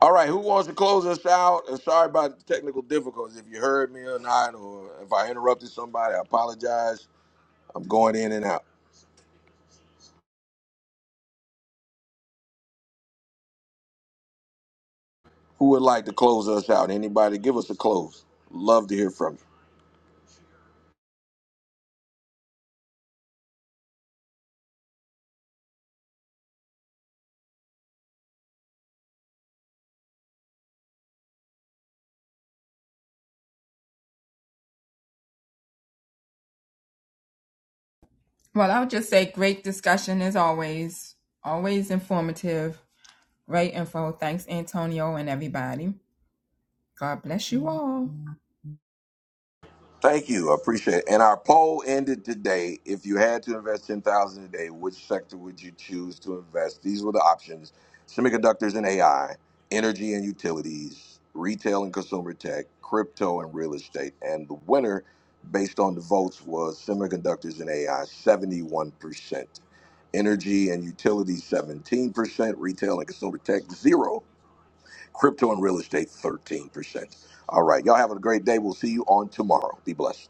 S1: All right, who wants to close us out? And sorry about the technical difficulties. If you heard me or not, or if I interrupted somebody, I apologize. I'm going in and out. Who would like to close us out? Anybody? Give us a close. Love to hear from you.
S11: Well, I would just say great discussion as always, always informative. Right info. Thanks, Antonio, and everybody. God bless you all.
S1: Thank you. I appreciate it. And our poll ended today. If you had to invest 10000 a day, which sector would you choose to invest? These were the options semiconductors and AI, energy and utilities, retail and consumer tech, crypto and real estate. And the winner, based on the votes, was semiconductors and AI 71%, energy and utilities 17%, retail and consumer tech 0, crypto and real estate 13%. All right. Y'all have a great day. We'll see you on tomorrow. Be blessed.